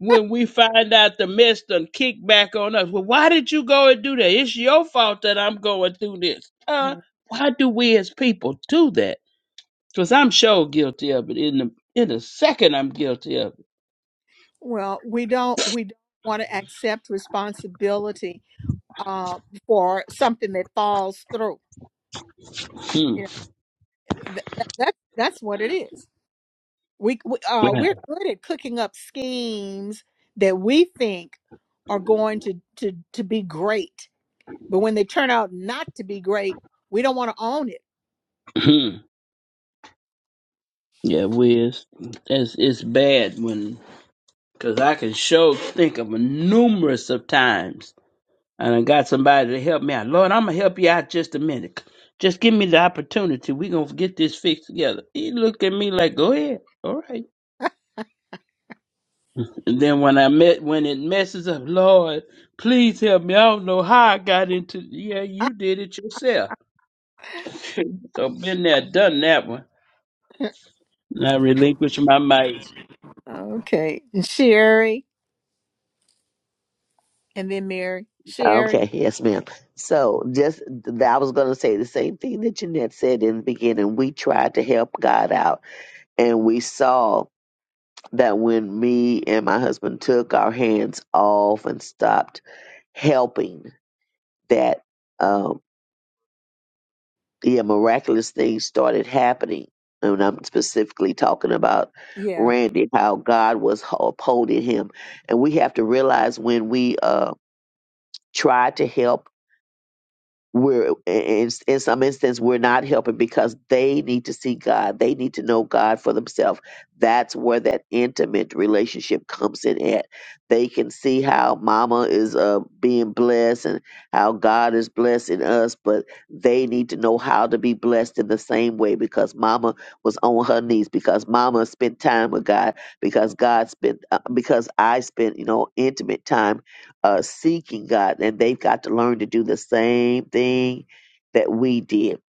S7: when we find out the mess done kick back on us, well, why did you go and do that? It's your fault that I'm going through this. Uh,
S1: Mm.
S7: why do we as people do that? Because I'm sure guilty of it. In the in the second, I'm guilty of it.
S1: Well, we don't we don't want to accept responsibility uh, for something that falls through.
S7: Hmm.
S1: You know, Th- th- that that's what it is. We, we uh,
S7: Yeah,
S1: we're good at cooking up schemes that we think are going to to to be great, but when they turn out not to be great, we don't want to own it.
S7: Hmm. Yeah, Wiz. It's, it's bad when, because I can sure think of a numerous of times. And I got somebody to help me out. Lord, I'm going to help you out just a minute. Just give me the opportunity. We're going to get this fixed together. He looked at me like, go ahead. All right. And then when I met, when it messes up, Lord, please help me. I don't know how I got into, yeah,
S1: Ah,
S7: you did it yourself. [LAUGHS] So been there, done that one. And I relinquish my mic.
S1: Okay, and Sherry, and then Mary, Sherry.
S5: Okay, [LAUGHS] yes, ma'am. So just th- I was going to say the same thing that Jeanette said in the beginning. We tried to help God out, and we saw that when me and my husband took our hands off and stopped helping, that um, yeah, miraculous things started happening. And I'm specifically talking about
S1: Yeah.
S5: Randy, how God was upholding him, and we have to realize when we uh, try to help we're in, in some instance we're not helping because they need to see god they need to know god for themselves that's where that intimate relationship comes in at they can see how mama is uh, being blessed and how god is blessing us but they need to know how to be blessed in the same way because mama was on her knees because mama spent time with god because god spent uh, because i spent you know intimate time uh, seeking God, and they've got to learn to do the same thing that we did.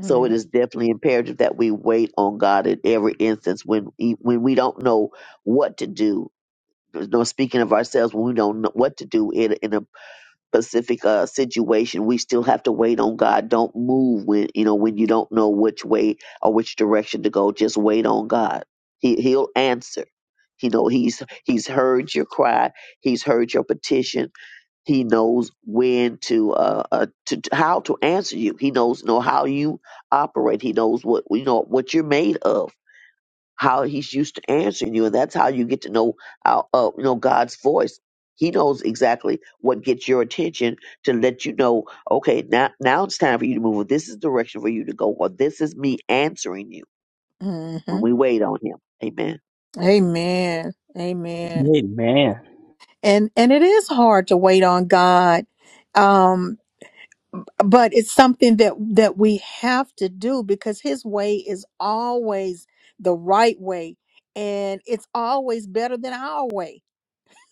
S5: So it is definitely imperative that we wait on God in every instance when e- when we don't know what to do. No, speaking of ourselves, when we don't know what to do in in a specific uh, situation, we still have to wait on God. Don't move when you know when you don't know which way or which direction to go. Just wait on God. He He'll answer. You know He's He's heard your cry. He's heard your petition he knows when to uh, uh to how to answer you. He knows know how you operate. He knows what you know what you're made of. How he's used to answering you, and that's how you get to know how uh, you know God's voice. He knows exactly what gets your attention to let you know. Okay, now now it's time for you to move. Or This is the direction for you to go, or this is me answering you when
S1: Mm-hmm.
S5: we wait on Him. Amen.
S1: Amen. Amen.
S7: Amen.
S1: And and it is hard to wait on God. Um, but it's something that that we have to do because his way is always the right way and it's always better than our way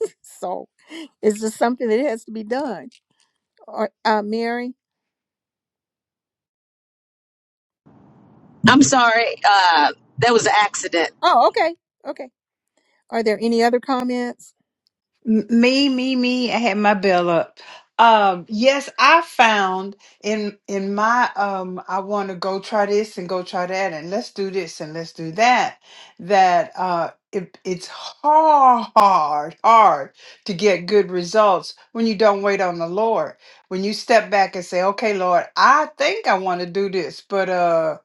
S1: [LAUGHS] so it's just something that has to be done or uh mary
S10: I'm sorry. Uh, that was an accident.
S1: oh okay okay are there any other comments
S9: M- Me, me, me. I had my bell up. Um, yes, I found in in my um, I want to go try this and go try that and let's do this and let's do that. That uh, it, it's hard, hard, hard to get good results when you don't wait on the Lord. When you step back and say, "Okay, Lord, I think I want to do this, but uh."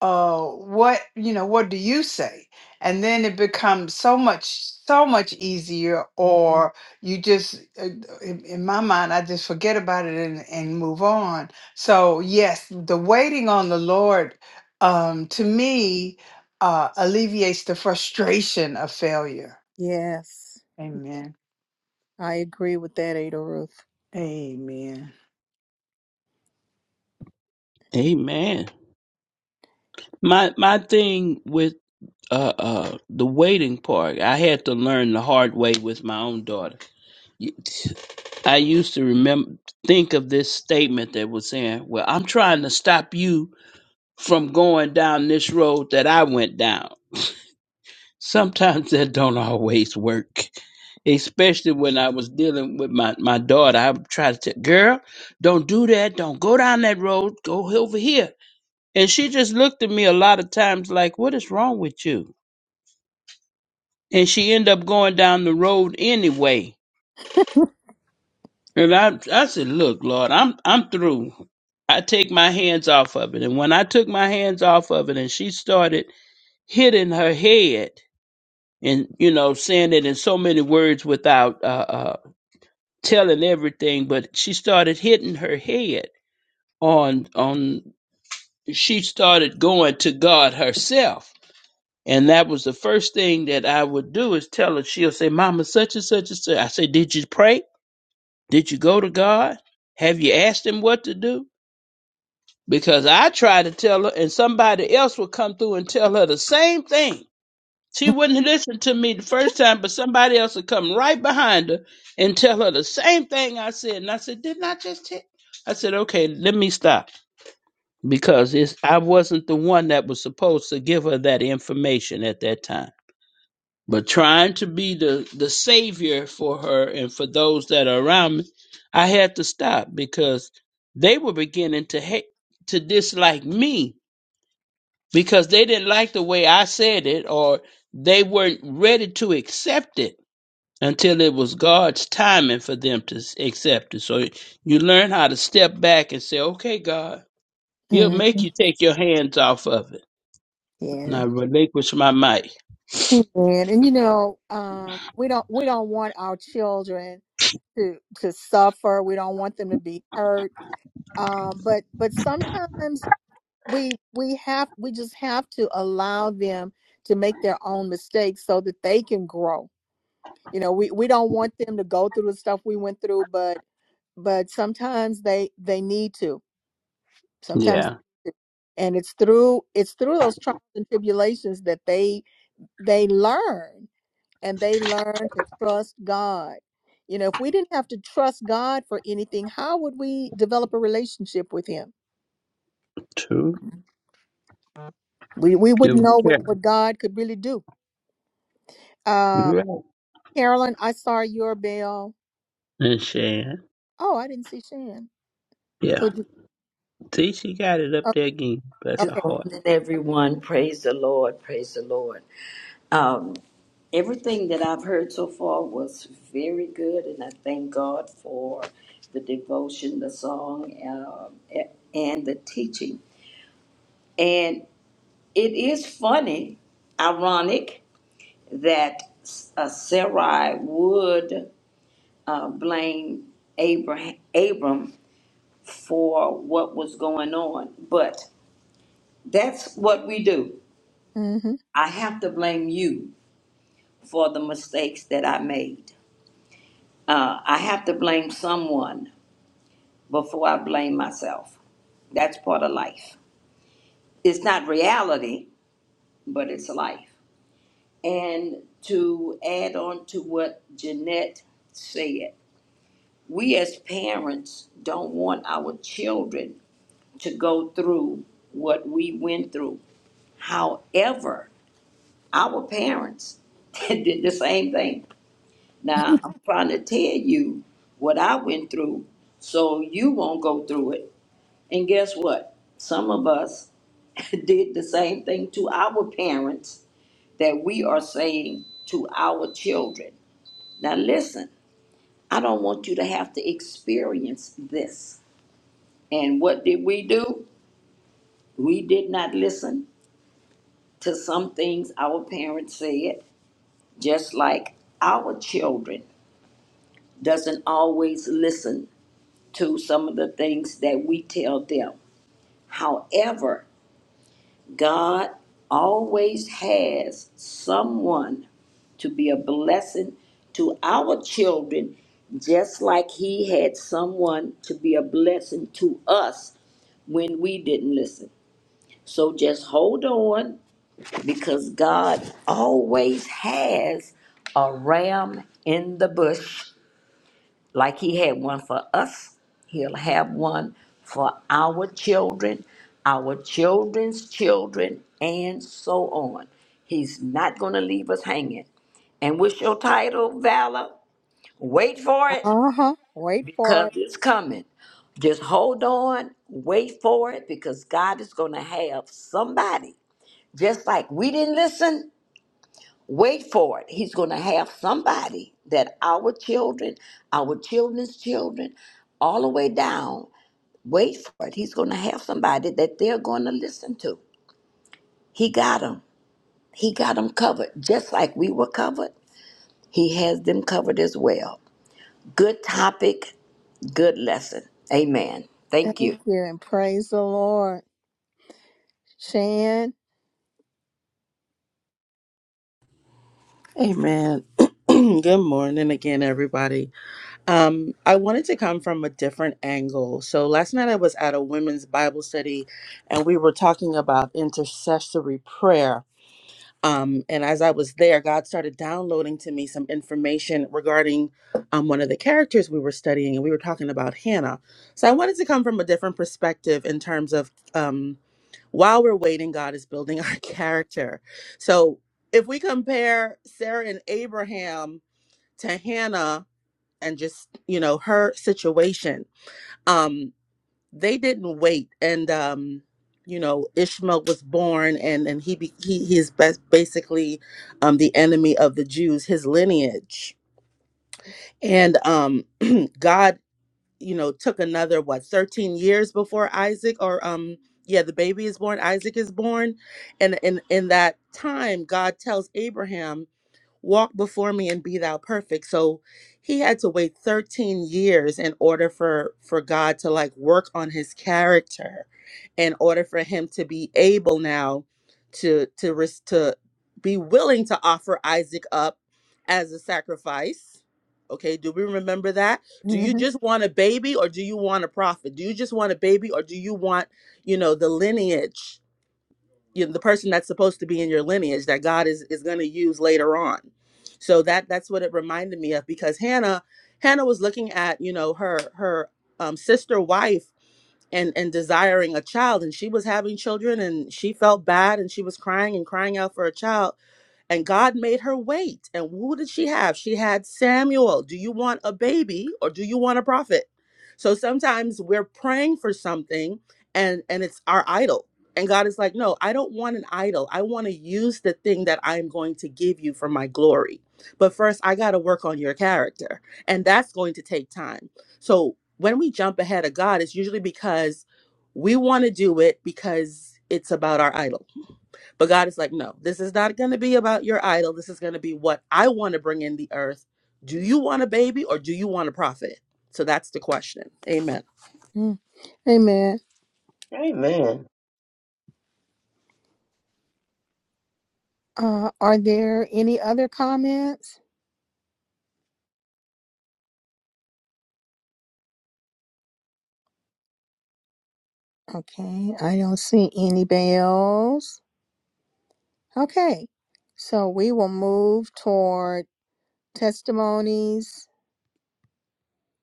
S9: uh what you know what do you say and then it becomes so much so much easier
S1: Mm.
S9: or you just uh, in, in my mind i just forget about it and, and move on so yes the waiting on the lord um to me uh alleviates the frustration of failure
S1: Yes,
S9: amen
S1: I agree with that, Ada Ruth.
S9: amen
S7: Amen. My my thing with uh uh the waiting part, I had to learn the hard way with my own daughter. I used to remember think of this statement that was saying, "Well, I'm trying to stop you from going down this road that I went down." Sometimes [LAUGHS] that don't always work. Especially when I was dealing with my, my daughter. I would try to tell girl, don't do that, don't go down that road, go over here. And she just looked at me a lot of times like, What is wrong with you? And she ended up going down the road anyway. And I I said, Look, Lord, I'm I'm through. I take my hands off of it. And when I took my hands off of it and she started hitting her head, and you know saying it in so many words without uh, uh, telling everything, but she started hitting her head on on she started going to God herself. And that was the first thing that I would do is tell her, she'll say, Mama, such and such and such. I say, Did you pray? Did you go to God? Have you asked him what to do? Because I try to tell her and somebody else will come through and tell her the same thing She wouldn't listen to me the first time, but somebody else would come right behind her and tell her the same thing I said. And I said, Didn't I just tell I said, Okay, let me stop. Because it's I wasn't the one that was supposed to give her that information at that time. But trying to be the, the savior for her and for those that are around me, I had to stop because they were beginning to hate to dislike me because they didn't like the way I said it or they weren't ready to accept it until it was God's timing for them to s- accept it. So you learn how to step back and say, okay, God, He'll make
S1: Mhm.
S7: you take your hands off of it. And
S1: Yeah,
S7: I relinquish my mic.
S1: he did. And you know, um, we don't we don't want our children to to suffer. We don't want them to be hurt. Um, but but sometimes we we have we just have to allow them to make their own mistakes so that they can grow. You know, we we don't want them to go through the stuff we went through, but but sometimes they they need to. sometimes they
S7: Yeah,
S1: do. and it's through it's through those trials and tribulations that they they learn and they learn to trust god you know if we didn't have to trust god for anything how would we develop a relationship with him
S7: true.
S1: we we
S7: It
S1: wouldn't
S7: was
S1: know what,
S7: Karen.
S1: what god could really do uh
S7: You're right.
S1: carolyn i saw your bell
S7: And Shan.
S1: oh i didn't see shan
S7: Yeah.
S1: who did-
S7: See, she got it up
S1: oh,
S7: there again. Bless her
S11: Good
S1: okay
S7: heart.
S11: morning, everyone. Praise the Lord. Praise the Lord. Um, everything that I've heard so far was very good, and I thank God for the devotion, the song, um, a- and the teaching. And it is funny, ironic, that S- uh, Sarai would uh, blame Abraham, Abram for what was going on, but that's what we do.
S1: Mm-hmm.
S11: I have to blame you for the mistakes that I made. Uh, I have to blame someone before I blame myself. That's part of life. It's not reality, but it's life. And to add on to what Jeanette said, we as parents don't want our children to go through what we went through. However, our parents [LAUGHS] did the same thing Now,
S1: [LAUGHS]
S11: I'm trying to tell you what I went through so you won't go through it. And guess what? Some of us [LAUGHS] did the same thing to our parents that we are saying to our children. Now, listen, I don't want you to have to experience this. And what did we do? We did not listen to some things our parents said, just like our children doesn't always listen to some of the things that we tell them. However, God always has someone to be a blessing to our children, just like He had someone to be a blessing to us when we didn't listen. So just hold on because God always has a ram in the bush like he had one for us, he'll have one for our children, our children's children, and so on. He's not going to leave us hanging. And what's your title, Valor? Wait for it
S1: Uh huh. Wait for
S11: because
S1: it.
S11: it's coming. Just hold on, wait for it because God is going to have somebody. Just like we didn't listen, Wait for it. He's going to have somebody that our children, our children's children, all the way down, wait for it. He's going to have somebody that they're going to listen to. He got them. He got them covered. Just like we were covered, He has them covered as well. Good topic, good lesson. Amen. Thank
S1: Thank
S11: you.
S1: you and praise the Lord. Shan,
S2: Amen. [CLEARS THROAT] Good morning again, everybody. Um, I wanted to come from a different angle. So last night I was at a women's Bible study and we were talking about intercessory prayer Um, and as I was there, God started downloading to me some information regarding um, one of the characters we were studying, and we were talking about Hannah. So I wanted to come from a different perspective in terms of um, while we're waiting, God is building our [LAUGHS] character. So if we compare Sarah and Abraham to Hannah and just, you know, her situation, um, they didn't wait and um you know ishmael was born and and he be, he he's best basically um the enemy of the jews his lineage and um [CLEARS THROAT] god you know took another what 13 years before isaac or um yeah the baby is born isaac is born and in in that time god tells abraham Walk before me and be thou perfect. So he had to wait 13 years in order for for God to like work on his character in order for him to be able now to to res- to be willing to offer Isaac up as a sacrifice. Okay, do we remember that? Do you just want a baby or do you want a prophet? Do you just want a baby or do you want, you know, the lineage? you know, the person that's supposed to be in your lineage that God is is going to use later on. So that that's what it reminded me of because Hannah Hannah was looking at you know her her um, sister wife and and desiring a child and she was having children and she felt bad and she was crying and crying out for a child and God made her wait. And who did she have? She had Samuel. Do you want a baby or do you want a prophet? So sometimes we're praying for something and and it's our idol. And God is like, "No, I don't want an idol. I want to use the thing that I'm going to give you for my glory. But first, I got to work on your character, and that's going to take time." So when we jump ahead of God, it's usually because we want to do it because it's about our idol but God is like, no, this is not going to be about your idol. This is going to be what I want to bring in the earth. Do you want a baby or do you want a prophet? So that's the question. Amen.
S1: [LAUGHS] amen.
S5: Amen.
S1: Uh, are there any other comments? Okay, I don't see any bells. Okay, so we will move toward testimonies,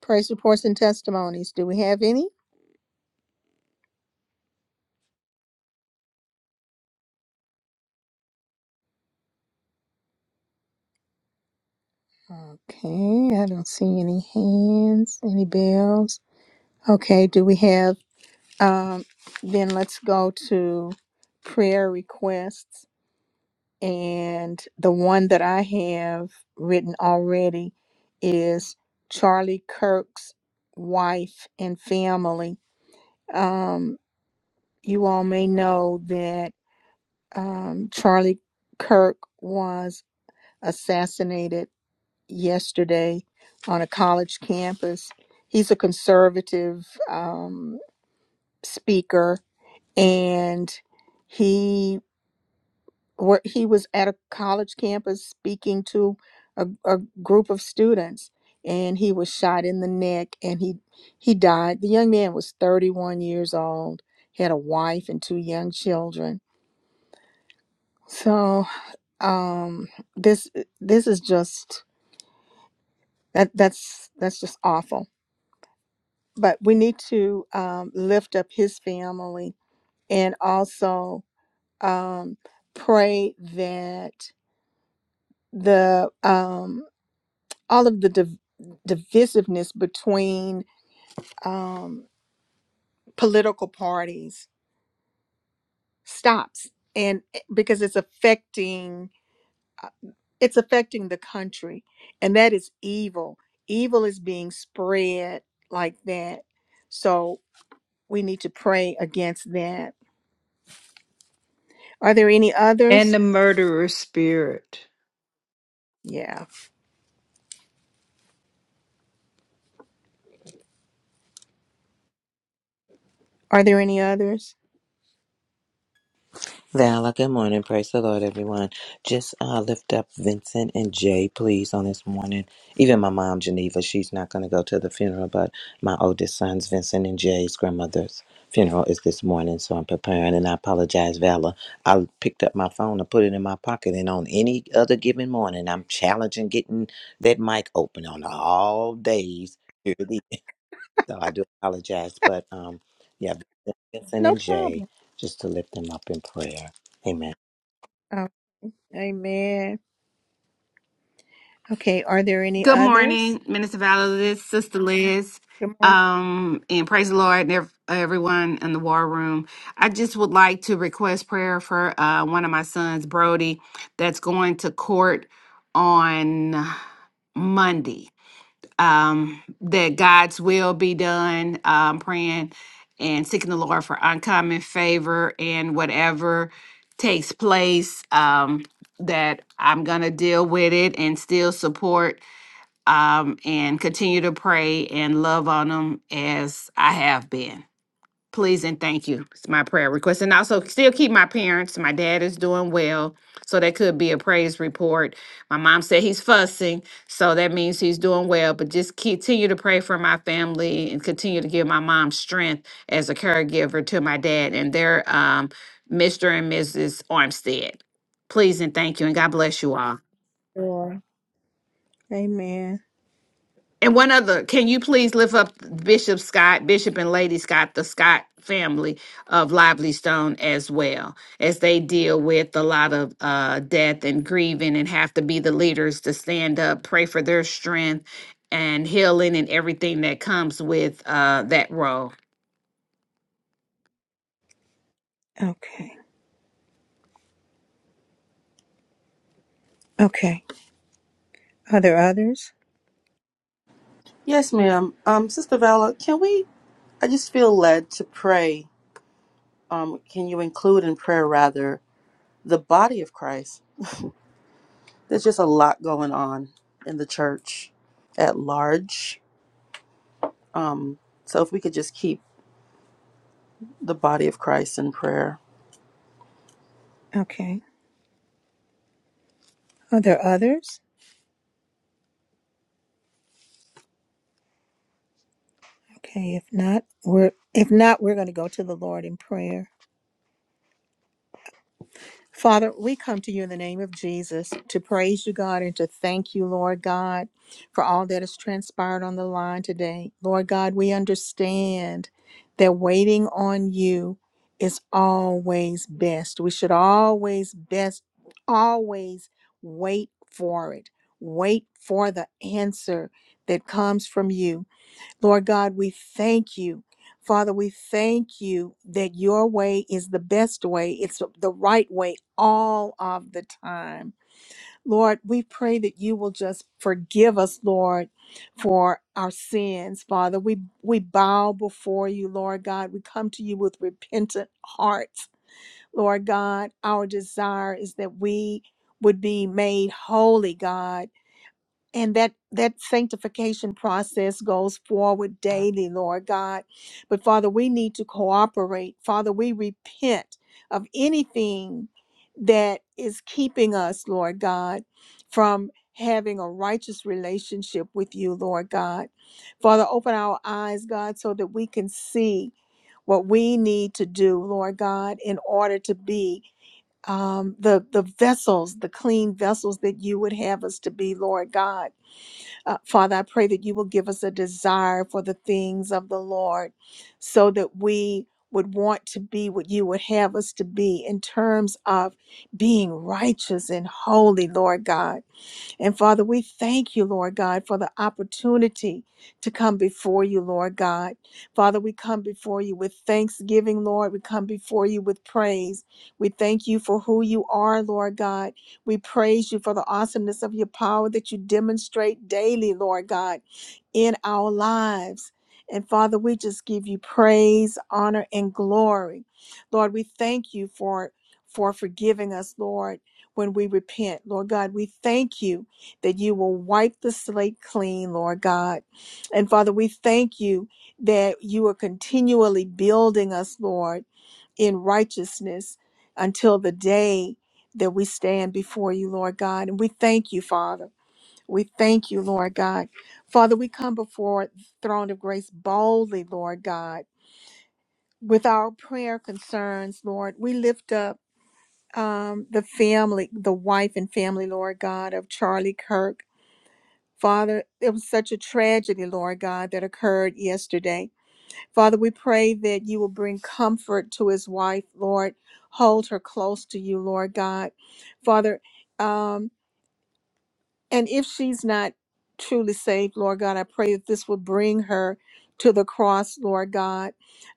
S1: praise reports, and testimonies. Do we have any? Okay, I don't see any hands, any bells. Okay, do we have, um, then let's go to prayer requests. And the one that I have written already is Charlie Kirk's Wife and Family. Um, you all may know that um, Charlie Kirk was assassinated yesterday on a college campus. He's a conservative um, speaker and he. where he was at a college campus speaking to a, a group of students and he was shot in the neck and he he died the young man was 31 years old he had a wife and two young children so um this this is just that that's that's just awful but we need to um, lift up his family and also um pray that the um, all of the div- divisiveness between um, political parties stops and eh, because it's affecting uh, it's affecting the country and that is evil evil is being spread like that so we need to pray against that are there any
S9: and
S1: others
S9: the murderer spirit
S1: yeah are there any others
S6: Vala, good morning. Praise the Lord, everyone. Just uh, lift up Vincent and Jay, please, on this morning. Even my mom, Geneva, she's not going to go to the funeral, but my oldest sons, Vincent and Jay's grandmother's funeral is this morning, so I'm preparing. And I apologize, Vala. I picked up my phone and put it in my pocket, and on any other given morning, I'm challenging getting that mic open on all days. So I do apologize, but um, yeah, Vincent
S1: no
S6: and Jay,
S1: problem
S6: just to lift them up in prayer. Amen.
S1: oh, amen okay are there any
S12: Good
S1: others
S12: morning, Minister Valdez, Sister Liz,
S1: good morning
S12: um, and praise the Lord and ev- everyone in the war room. I just would like to request prayer for uh, one of my sons, Brody, that's going to court on Monday. Um, that God's will be done. Um, praying and seeking the Lord for uncommon favor and whatever takes place. Um, that I'm gonna deal with it and still support um, and continue to pray and love on them as I have been. Please and thank you. It's my prayer request. And also, still keep my parents. My dad is doing well. So that could be a praise report. My mom said he's fussing. So that means he's doing well. But just continue to pray for my family and continue to give my mom strength as a caregiver to my dad and their um, Mr. and Mrs. Armstead. Please and thank you. And God bless you all.
S1: Laura. amen
S12: And one other, can you please lift up Bishop Scott, Bishop and Lady Scott, the Scott family of Lively-Stone as well, as they deal with a lot of uh, death and grieving and have to be the leaders to stand up, pray for their strength and healing and everything that comes with uh, that role.
S1: okay Okay. Are there others?
S2: Yes, ma'am. Um, Sister Vala, can we? I just feel led to pray. Um, can you include in prayer rather the body of Christ? There's just a lot going on in the church at large. Um, so if we could just keep the body of Christ in prayer.
S1: Okay. Are there others? Okay. If not, we're if not, we're going to go to the Lord in prayer. Father, we come to you in the name of Jesus to praise you, God, and to thank you, Lord God, for all that has transpired on the line today. Lord God, we understand that waiting on you is always best. We should always best, always wait for it. Wait for the answer that comes from you. Lord God, we thank you. Father, we thank you that your way is the best way. It's the right way all of the time. Lord, we pray that you will just forgive us, Lord, for our sins. Father, we we bow before you, Lord God. We come to you with repentant hearts. Lord God, our desire is that we would be made holy, God and that that sanctification process goes forward daily lord god but father we need to cooperate father we repent of anything that is keeping us lord god from having a righteous relationship with you lord god father open our eyes god so that we can see what we need to do lord god in order to be um, the the vessels, the clean vessels that you would have us to be, Lord God. Uh, Father, I pray that you will give us a desire for the things of the Lord so that we would want to be what you would have us to be in terms of being righteous and holy, Lord God. And Father, we thank you, Lord God, for the opportunity to come before you, Lord God. Father, we come before you with thanksgiving, Lord. We come before you with praise. We thank you for who you are, Lord God. We praise you for the awesomeness of your power that you demonstrate daily, Lord God, in our lives. And Father, we just give you praise, honor, and glory. Lord, we thank you for, for forgiving us, Lord, when we repent. Lord God, we thank you that you will wipe the slate clean, Lord God. And Father, we thank you that you are continually building us, Lord, in righteousness until the day that we stand before you, Lord God. And we thank you, Father. We thank you, Lord God. Father, we come before the throne of grace boldly, Lord God, with our prayer concerns, Lord. We lift up um, the family, the wife and family, Lord God, of Charlie Kirk. Father, it was such a tragedy, Lord God, that occurred yesterday. Father, we pray that you will bring comfort to his wife, Lord. Hold her close to you, Lord God. Father, Um. And if she's not truly saved, Lord God, I pray that this will bring her to the cross, Lord God.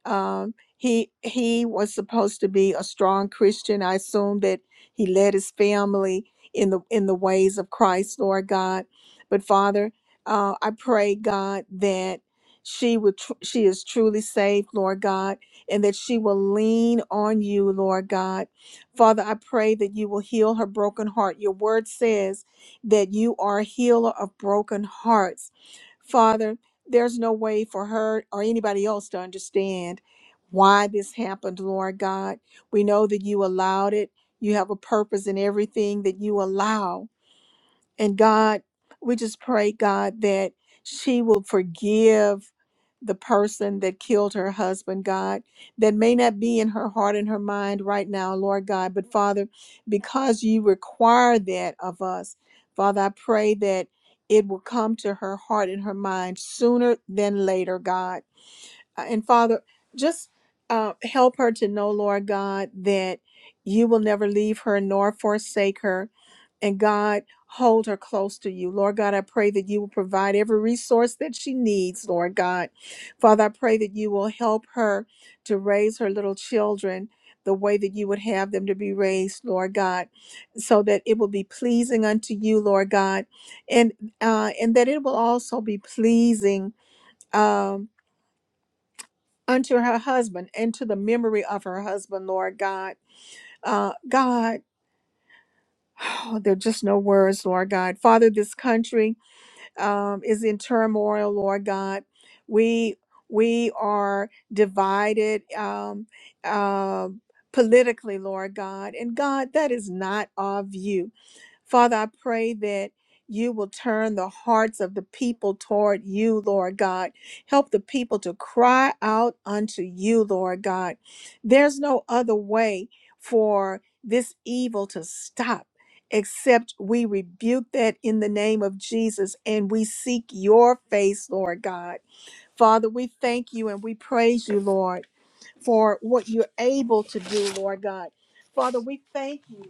S1: Um, he he was supposed to be a strong Christian. I assume that he led his family in the in the ways of Christ, Lord God. But Father, uh, I pray, God, that she would tr- she is truly saved, Lord God, and that she will lean on you, Lord God. Father, I pray that you will heal her broken heart. Your word says that you are a healer of broken hearts. Father, there's no way for her or anybody else to understand why this happened, Lord God. We know that you allowed it. You have a purpose in everything that you allow. And God, we just pray, God, that she will forgive the person that killed her husband, God, that may not be in her heart and her mind right now, Lord God. But Father, because you require that of us, Father, I pray that it will come to her heart and her mind sooner than later, God. Uh, and Father, just uh, help her to know, Lord God, that you will never leave her nor forsake her. And God, hold her close to you. Lord God, I pray that you will provide every resource that she needs, Lord God. Father, I pray that you will help her to raise her little children the way that you would have them to be raised, Lord God, so that it will be pleasing unto you, Lord God, and uh, and that it will also be pleasing. Um, unto her husband and to the memory of her husband, Lord God. Uh, God, [SIGHS] oh, there are just no words, Lord God. Father, this country um, is in turmoil, Lord God. We we are divided um, uh, politically, Lord God, and God, that is not of you. Father, I pray that you will turn the hearts of the people toward you, Lord God. Help the people to cry out unto you, Lord God. There's no other way for this evil to stop except we rebuke that in the name of Jesus and we seek your face, Lord God. Father, we thank you and we praise you, Lord, for what you're able to do, Lord God. Father, we thank you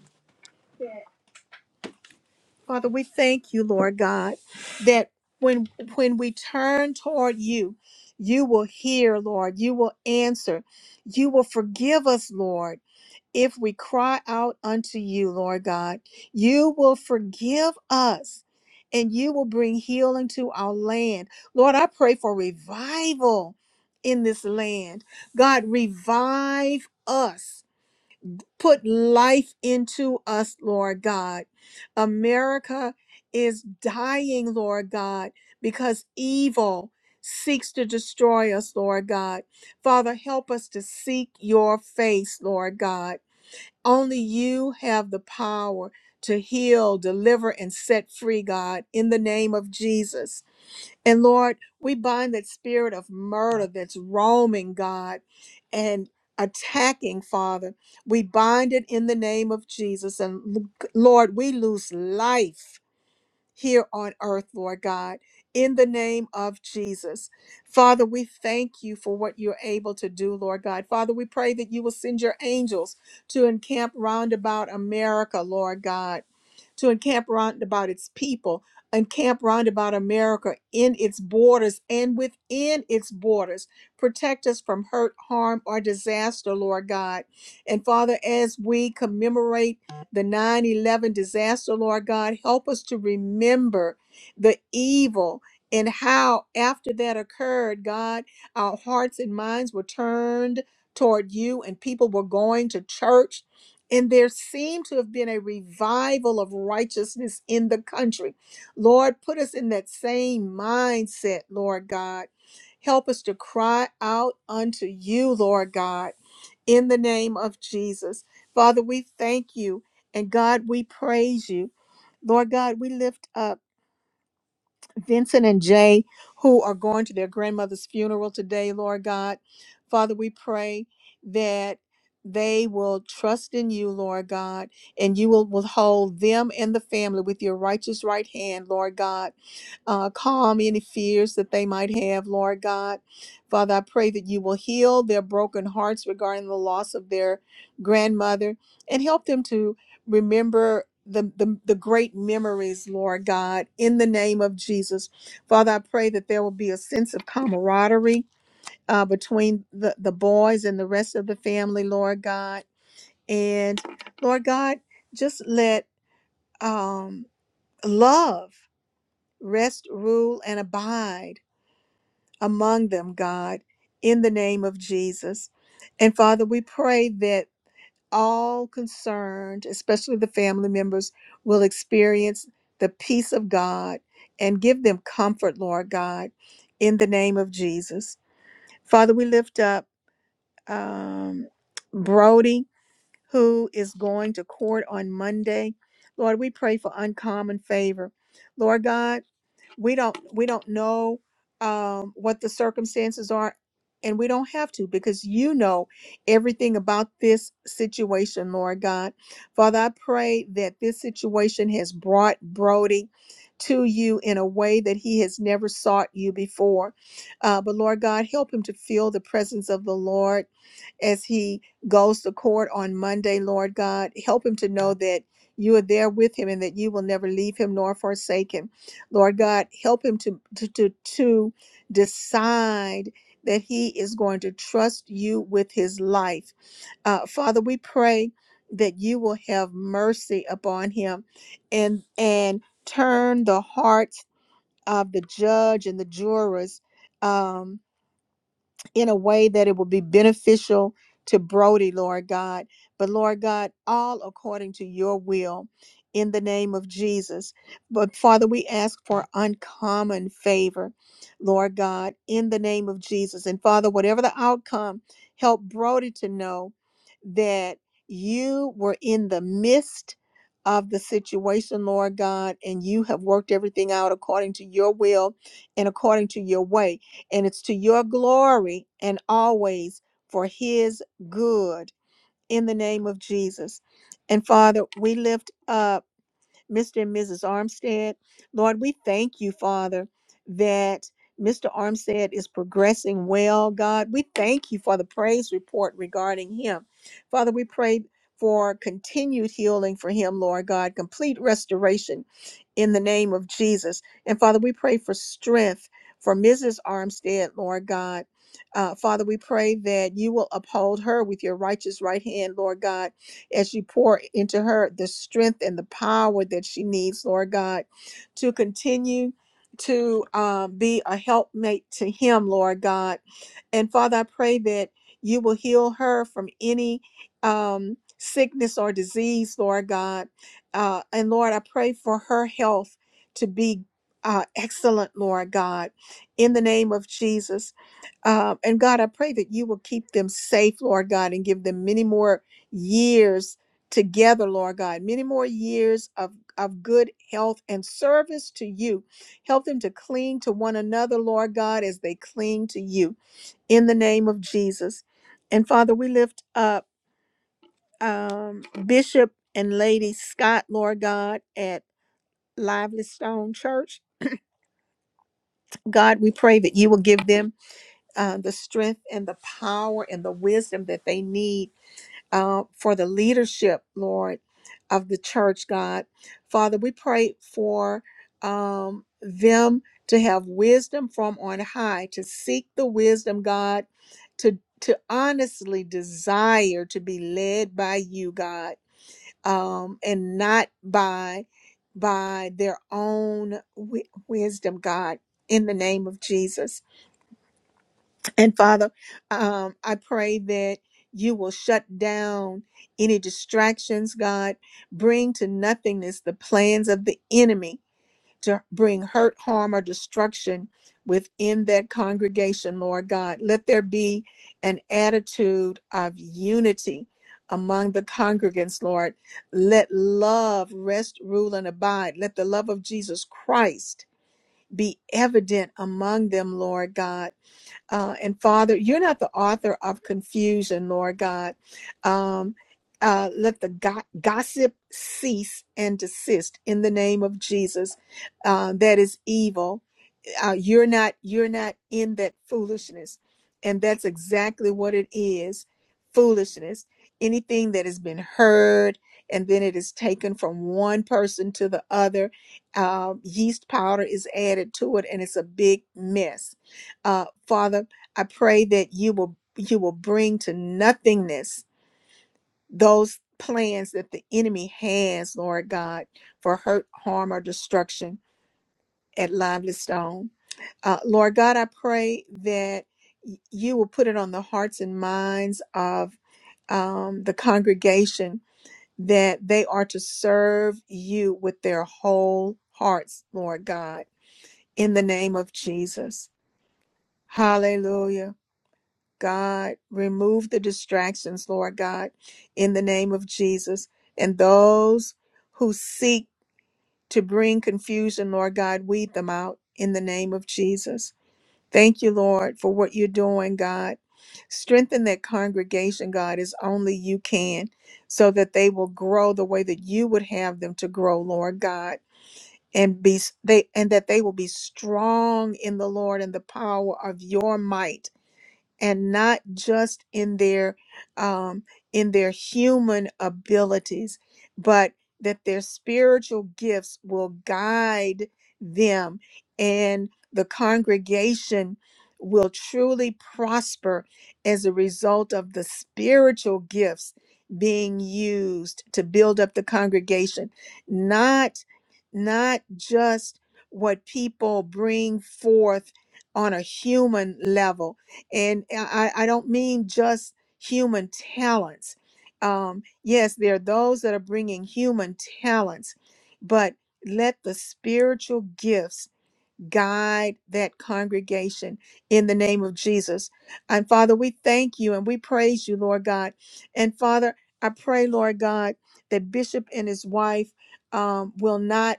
S1: Father, we thank you, Lord God, that when when we turn toward you, you will hear, Lord, you will answer. You will forgive us, Lord, if we cry out unto you, Lord God. You will forgive us and you will bring healing to our land. Lord, I pray for revival in this land. God, revive us put life into us, Lord God. America is dying, Lord God, because evil seeks to destroy us, Lord God. Father, help us to seek your face, Lord God. Only you have the power to heal, deliver, and set free, God, in the name of Jesus. And Lord, we bind that spirit of murder that's roaming, God, and attacking, Father. We bind it in the name of Jesus. And Lord, we lose life here on earth, Lord God, in the name of Jesus. Father, we thank you for what you're able to do, Lord God. Father, we pray that you will send your angels to encamp round about America, Lord God, to encamp round about its people, encamp round about America in its borders and within its borders. Protect us from hurt, harm, or disaster, Lord God. And Father, as we commemorate, the 9 11 disaster, Lord God. Help us to remember the evil and how, after that occurred, God, our hearts and minds were turned toward you, and people were going to church. And there seemed to have been a revival of righteousness in the country. Lord, put us in that same mindset, Lord God. Help us to cry out unto you, Lord God in the name of Jesus. Father, we thank you. And God, we praise you. Lord God, we lift up Vincent and Jay who are going to their grandmother's funeral today, Lord God. Father, we pray that they will trust in you, Lord God, and you will withhold them and the family with your righteous right hand, Lord God. Uh, calm any fears that they might have, Lord God. Father, I pray that you will heal their broken hearts regarding the loss of their grandmother and help them to remember the, the the great memories lord god in the name of jesus father i pray that there will be a sense of camaraderie uh, between the the boys and the rest of the family lord god and lord god just let um love rest rule and abide among them god in the name of jesus and father we pray that all concerned, especially the family members, will experience the peace of God and give them comfort, Lord God, in the name of Jesus. Father, we lift up um, Brody, who is going to court on Monday. Lord, we pray for uncommon favor. Lord God, we don't we don't know um, what the circumstances are and we don't have to because you know everything about this situation lord god father i pray that this situation has brought brody to you in a way that he has never sought you before uh, but lord god help him to feel the presence of the lord as he goes to court on monday lord god help him to know that you are there with him and that you will never leave him nor forsake him Lord God, help him to, to, to, to decide that he is going to trust you with his life. Uh, Father, we pray that you will have mercy upon him and and turn the hearts of the judge and the jurors. um, in a way that it will be beneficial to Brody, Lord God. But Lord God, all according to your will in the name of Jesus. But Father, we ask for uncommon favor, Lord God, in the name of Jesus. And Father, whatever the outcome, help Brody to know that you were in the midst of the situation, Lord God, and you have worked everything out according to your will and according to your way and it's to your glory and always for his good in the name of Jesus. And Father, we lift up Mr. and Mrs. Armstead. Lord, we thank you, Father, that Mr. Armstead is progressing well, God. We thank you for the praise report regarding him. Father, we pray for continued healing for him, Lord God, complete restoration in the name of Jesus. And Father, we pray for strength for Mrs. Armstead, Lord God. Uh, Father, we pray that you will uphold her with your righteous right hand, Lord God as you pour into her the strength and the power that she needs, Lord God, to continue to um, be a helpmate to him, Lord God. And Father, I pray that you will heal her from any um, sickness or disease, Lord God. Uh, and Lord, I pray for her health to be uh, excellent, Lord God, in the name of Jesus. Um, and God, I pray that you will keep them safe, Lord God, and give them many more years together, Lord God, many more years of, of good health and service to you. Help them to cling to one another, Lord God, as they cling to you in the name of Jesus. And Father, we lift up um, Bishop and Lady Scott, Lord God, at Lively Stone Church. God, we pray that you will give them uh, the strength and the power and the wisdom that they need uh, for the leadership, Lord, of the church, God. Father, we pray for um, them to have wisdom from on high, to seek the wisdom, God, to to honestly desire to be led by you, God, um, and not by by their own wi- wisdom, God. In the name of Jesus. And Father, um, I pray that you will shut down any distractions, God. Bring to nothingness the plans of the enemy to bring hurt, harm, or destruction within that congregation, Lord God. Let there be an attitude of unity among the congregants, Lord. Let love rest, rule, and abide. Let the love of Jesus Christ be evident among them, Lord God uh, and Father, you're not the author of confusion, Lord God. Um, uh, let the go- gossip cease and desist in the name of Jesus. Uh, that is evil uh, you're not you're not in that foolishness and that's exactly what it is foolishness anything that has been heard and then it is taken from one person to the other Um, yeast powder is added to it and it's a big mess uh, father i pray that you will you will bring to nothingness those plans that the enemy has lord god for hurt harm or destruction at lively stone uh, Lord God, I pray that y- you will put it on the hearts and minds of um, the congregation that they are to serve you with their whole hearts, Lord God, in the name of Jesus. Hallelujah. God, remove the distractions, Lord God, in the name of Jesus. And those who seek to bring confusion, Lord God, weed them out in the name of Jesus. Thank you, Lord, for what you're doing, God. Strengthen that congregation, God, as only you can, so that they will grow the way that you would have them to grow, Lord God, and be they and that they will be strong in the Lord and the power of your might and not just in their um, in their human abilities, but that their spiritual gifts will guide them, and the congregation will truly prosper as a result of the spiritual gifts being used to build up the congregation, not not just what people bring forth on a human level and I, I don't mean just human talents. Um, yes, there are those that are bringing human talents, but let the spiritual gifts guide that congregation in the name of Jesus. And Father, we thank you and we praise you, Lord God. And Father, I pray, Lord God, that Bishop and his wife um, will not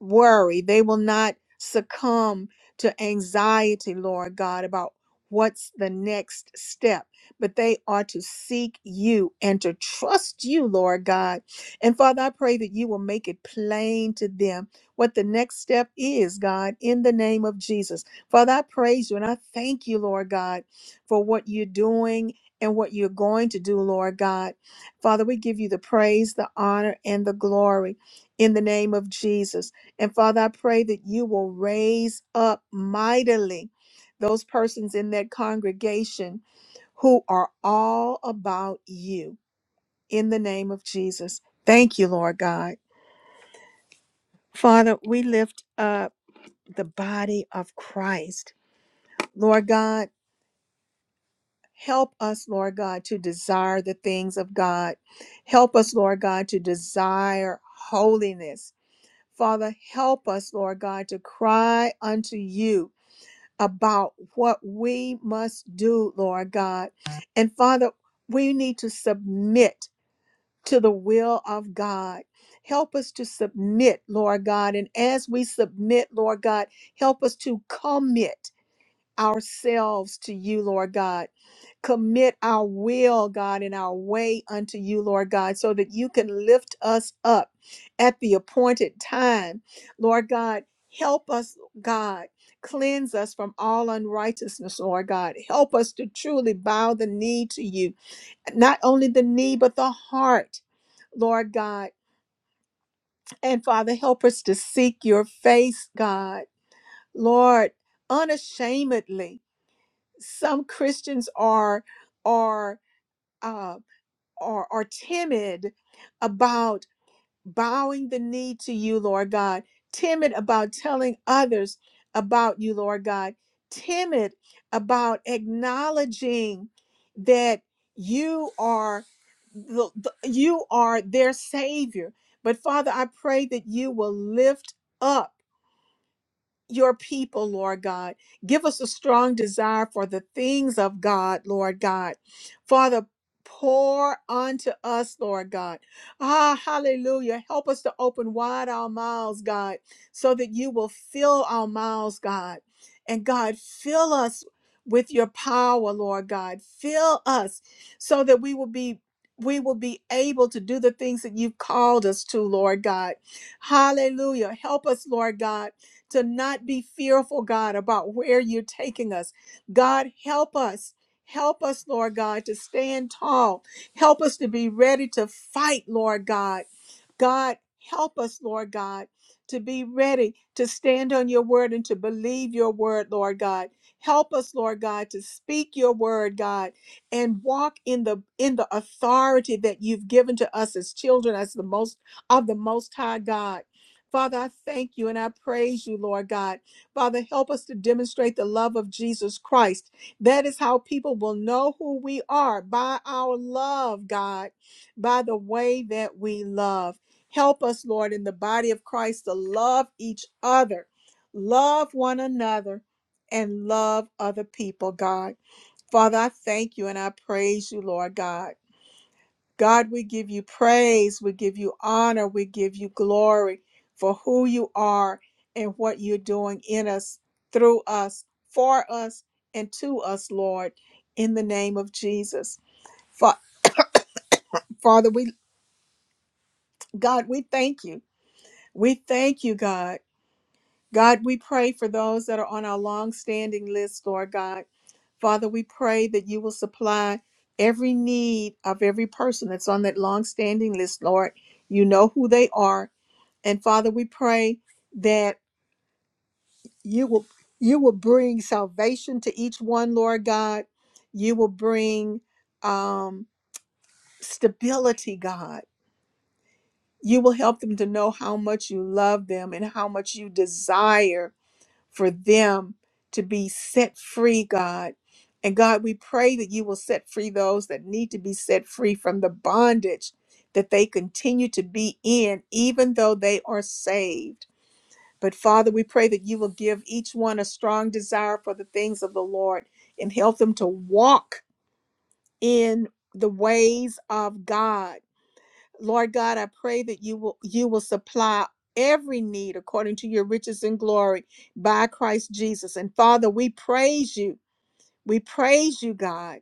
S1: worry. They will not succumb to anxiety, Lord God, about what's the next step, but they are to seek you and to trust you, Lord God. And Father, I pray that you will make it plain to them what the next step is, God, in the name of Jesus. Father, I praise you and I thank you, Lord God, for what you're doing. And what you're going to do, Lord God. Father, we give you the praise, the honor, and the glory in the name of Jesus. And Father, I pray that you will raise up mightily those persons in that congregation who are all about you in the name of Jesus. Thank you, Lord God. Father, we lift up the body of Christ. Lord God, help us, Lord God, to desire the things of God. Help us, Lord God, to desire holiness. Father, help us, Lord God, to cry unto you about what we must do, Lord God. And Father, we need to submit to the will of God. Help us to submit, Lord God. And as we submit, Lord God, help us to commit ourselves to you, Lord God. Commit our will, God, and our way unto you, Lord God, so that you can lift us up at the appointed time. Lord God, help us, God. Cleanse us from all unrighteousness, Lord God. Help us to truly bow the knee to you, not only the knee, but the heart, Lord God. And Father, help us to seek your face, God. Lord, unashamedly some Christians are are uh, are are timid about bowing the knee to you, Lord God. Timid about telling others about you, Lord God. Timid about acknowledging that you are the, the- you are their savior. But Father, I pray that you will lift up your people, Lord God. Give us a strong desire for the things of God, Lord God. Father, pour unto us, Lord God. Ah, hallelujah. Help us to open wide our mouths, God, so that you will fill our mouths, God. And God, fill us with your power, Lord God. Fill us so that we will be we will be able to do the things that you've called us to, Lord God. Hallelujah. Help us, Lord God to not be fearful, God, about where you're taking us. God, help us. Help us, Lord God, to stand tall. Help us to be ready to fight, Lord God. God, help us, Lord God, to be ready to stand on your word and to believe your word, Lord God. Help us, Lord God, to speak your word, God, and walk in the in the authority that you've given to us as children, as the most of the most high God. Father, I thank you and I praise you, Lord God. Father, help us to demonstrate the love of Jesus Christ. That is how people will know who we are by our love, God, by the way that we love. Help us, Lord, in the body of Christ to love each other, love one another, and love other people, God. Father, I thank you and I praise you, Lord God. God, we give you praise, we give you honor, we give you glory for who you are and what you're doing in us, through us, for us, and to us, Lord, in the name of Jesus. Fa- Father, we God, we thank you. We thank you, God. God, we pray for those that are on our long-standing list, Lord God. Father, we pray that you will supply every need of every person that's on that long-standing list, Lord. You know who they are. And Father, we pray that you will you will bring salvation to each one, Lord God. You will bring um, stability, God. You will help them to know how much you love them and how much you desire for them to be set free, God. And God, we pray that you will set free those that need to be set free from the bondage that they continue to be in, even though they are saved. But Father, we pray that you will give each one a strong desire for the things of the Lord and help them to walk in the ways of God. Lord God, I pray that you will you will supply every need according to your riches and glory by Christ Jesus. And Father, we praise you. We praise you, God,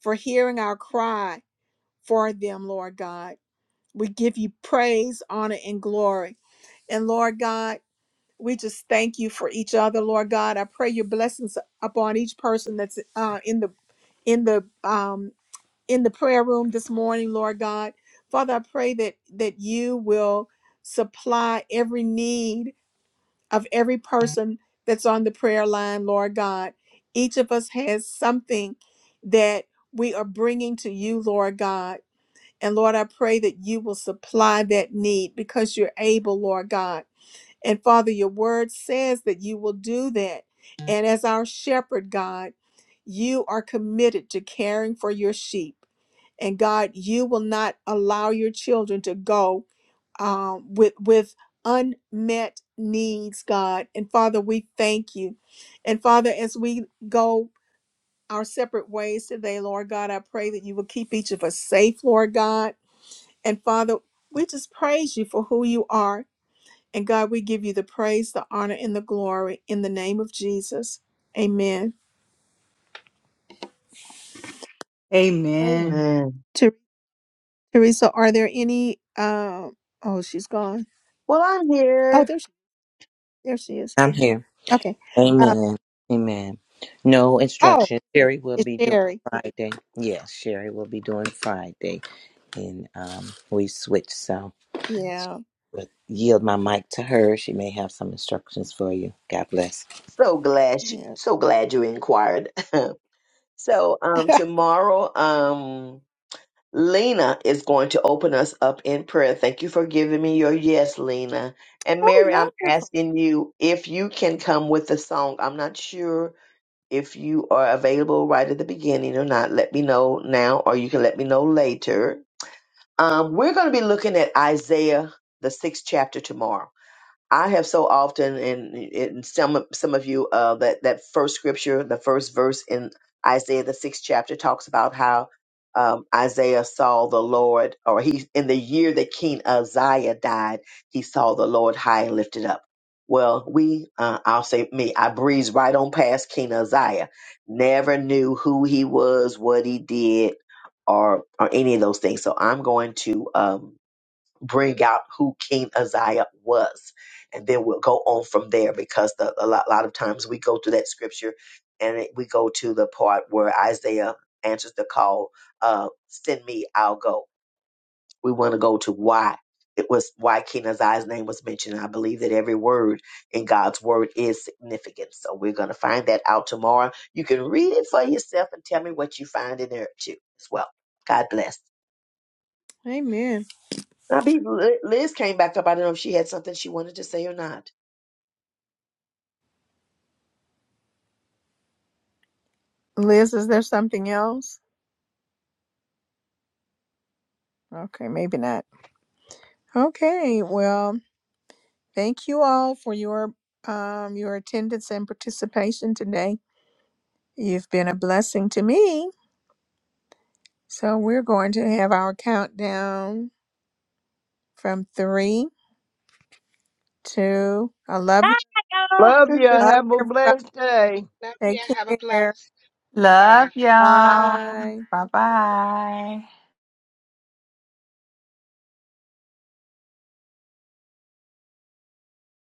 S1: for hearing our cry for them, Lord God. We give you praise, honor, and glory. And Lord God, We just thank you for each other, Lord God. I pray your blessings upon each person that's uh, in the in the um, in the prayer room this morning, Lord God. Father, I pray that that you will supply every need of every person that's on the prayer line, Lord God. Each of us has something that we are bringing to you, Lord God. And Lord, I pray that you will supply that need because you're able, Lord God. And Father, your word says that you will do that. And as our shepherd, God, you are committed to caring for your sheep. And God, you will not allow your children to go um, with with unmet needs, God. And Father, we thank you. And Father, as we go our separate ways today, Lord God, I pray that you will keep each of us safe, Lord God. And Father, we just praise you for who you are. And God, we give you the praise, the honor, and the glory in the name of Jesus. Amen.
S9: amen
S5: Amen.
S1: Ter- Teresa, are there any? Um, oh, she's gone.
S5: Well, I'm
S1: Oh,
S5: here.
S1: there, she- there she is.
S6: I'm here.
S1: Okay. Uh,
S6: Amen. Amen. No
S1: oh,
S6: instruction. Sherry will
S1: it's
S6: be doing
S1: Sherry.
S6: Friday. Yes, Sherry will be doing Friday, and um, we switch. So,
S1: Yeah.
S6: but yield my mic to her. She may have some instructions for you. God bless.
S5: So glad, you,
S1: Yeah.
S5: so glad you inquired. [LAUGHS] So um,
S1: [LAUGHS]
S5: tomorrow, um, Lena is going to open us up in prayer. Thank you for giving me your yes, Lena. And Mary, I'm
S1: oh, wonderful.
S5: asking you if you can come with the song. I'm not sure if you are available right at the beginning or not. Let me know now, or you can let me know later. Um, we're going to be looking at Isaiah, the sixth chapter tomorrow. I have so often, and, and some of- some of you, uh, that that first scripture, the first verse in Isaiah the sixth chapter, talks about how um, Isaiah saw the Lord, or he in the year that King Uzziah died, he saw the Lord high and lifted up. Well, we, uh, I'll say me, I breezed right on past King Uzziah. Never knew who he was, what he did, or or any of those things. So I'm going to. Um, bring out who King Uzziah was. And then we'll go on from there because the, a, lot, a lot of times we go through that scripture and it, we go to the part where Isaiah answers the call, uh, send me, I'll go. We want to go to why. It was why King Uzziah's name was mentioned. I believe that every word in God's word is significant. So we're going to find that out tomorrow. You can read it for yourself and tell me what you find in there too as well. God bless.
S1: Amen.
S5: I be Liz came back up. I don't know if she had something she wanted to say or not.
S1: Liz, is there something else? Okay, maybe not. Okay. Well, thank you all for your um your attendance and participation today. You've been a blessing to me. So we're going to have our countdown from three, two. I love you.
S3: Love you.
S1: Love
S3: Have a
S1: you, everybody.
S3: blessed day.
S1: Take care.
S9: Love y'all.
S1: Bye.
S9: Bye bye.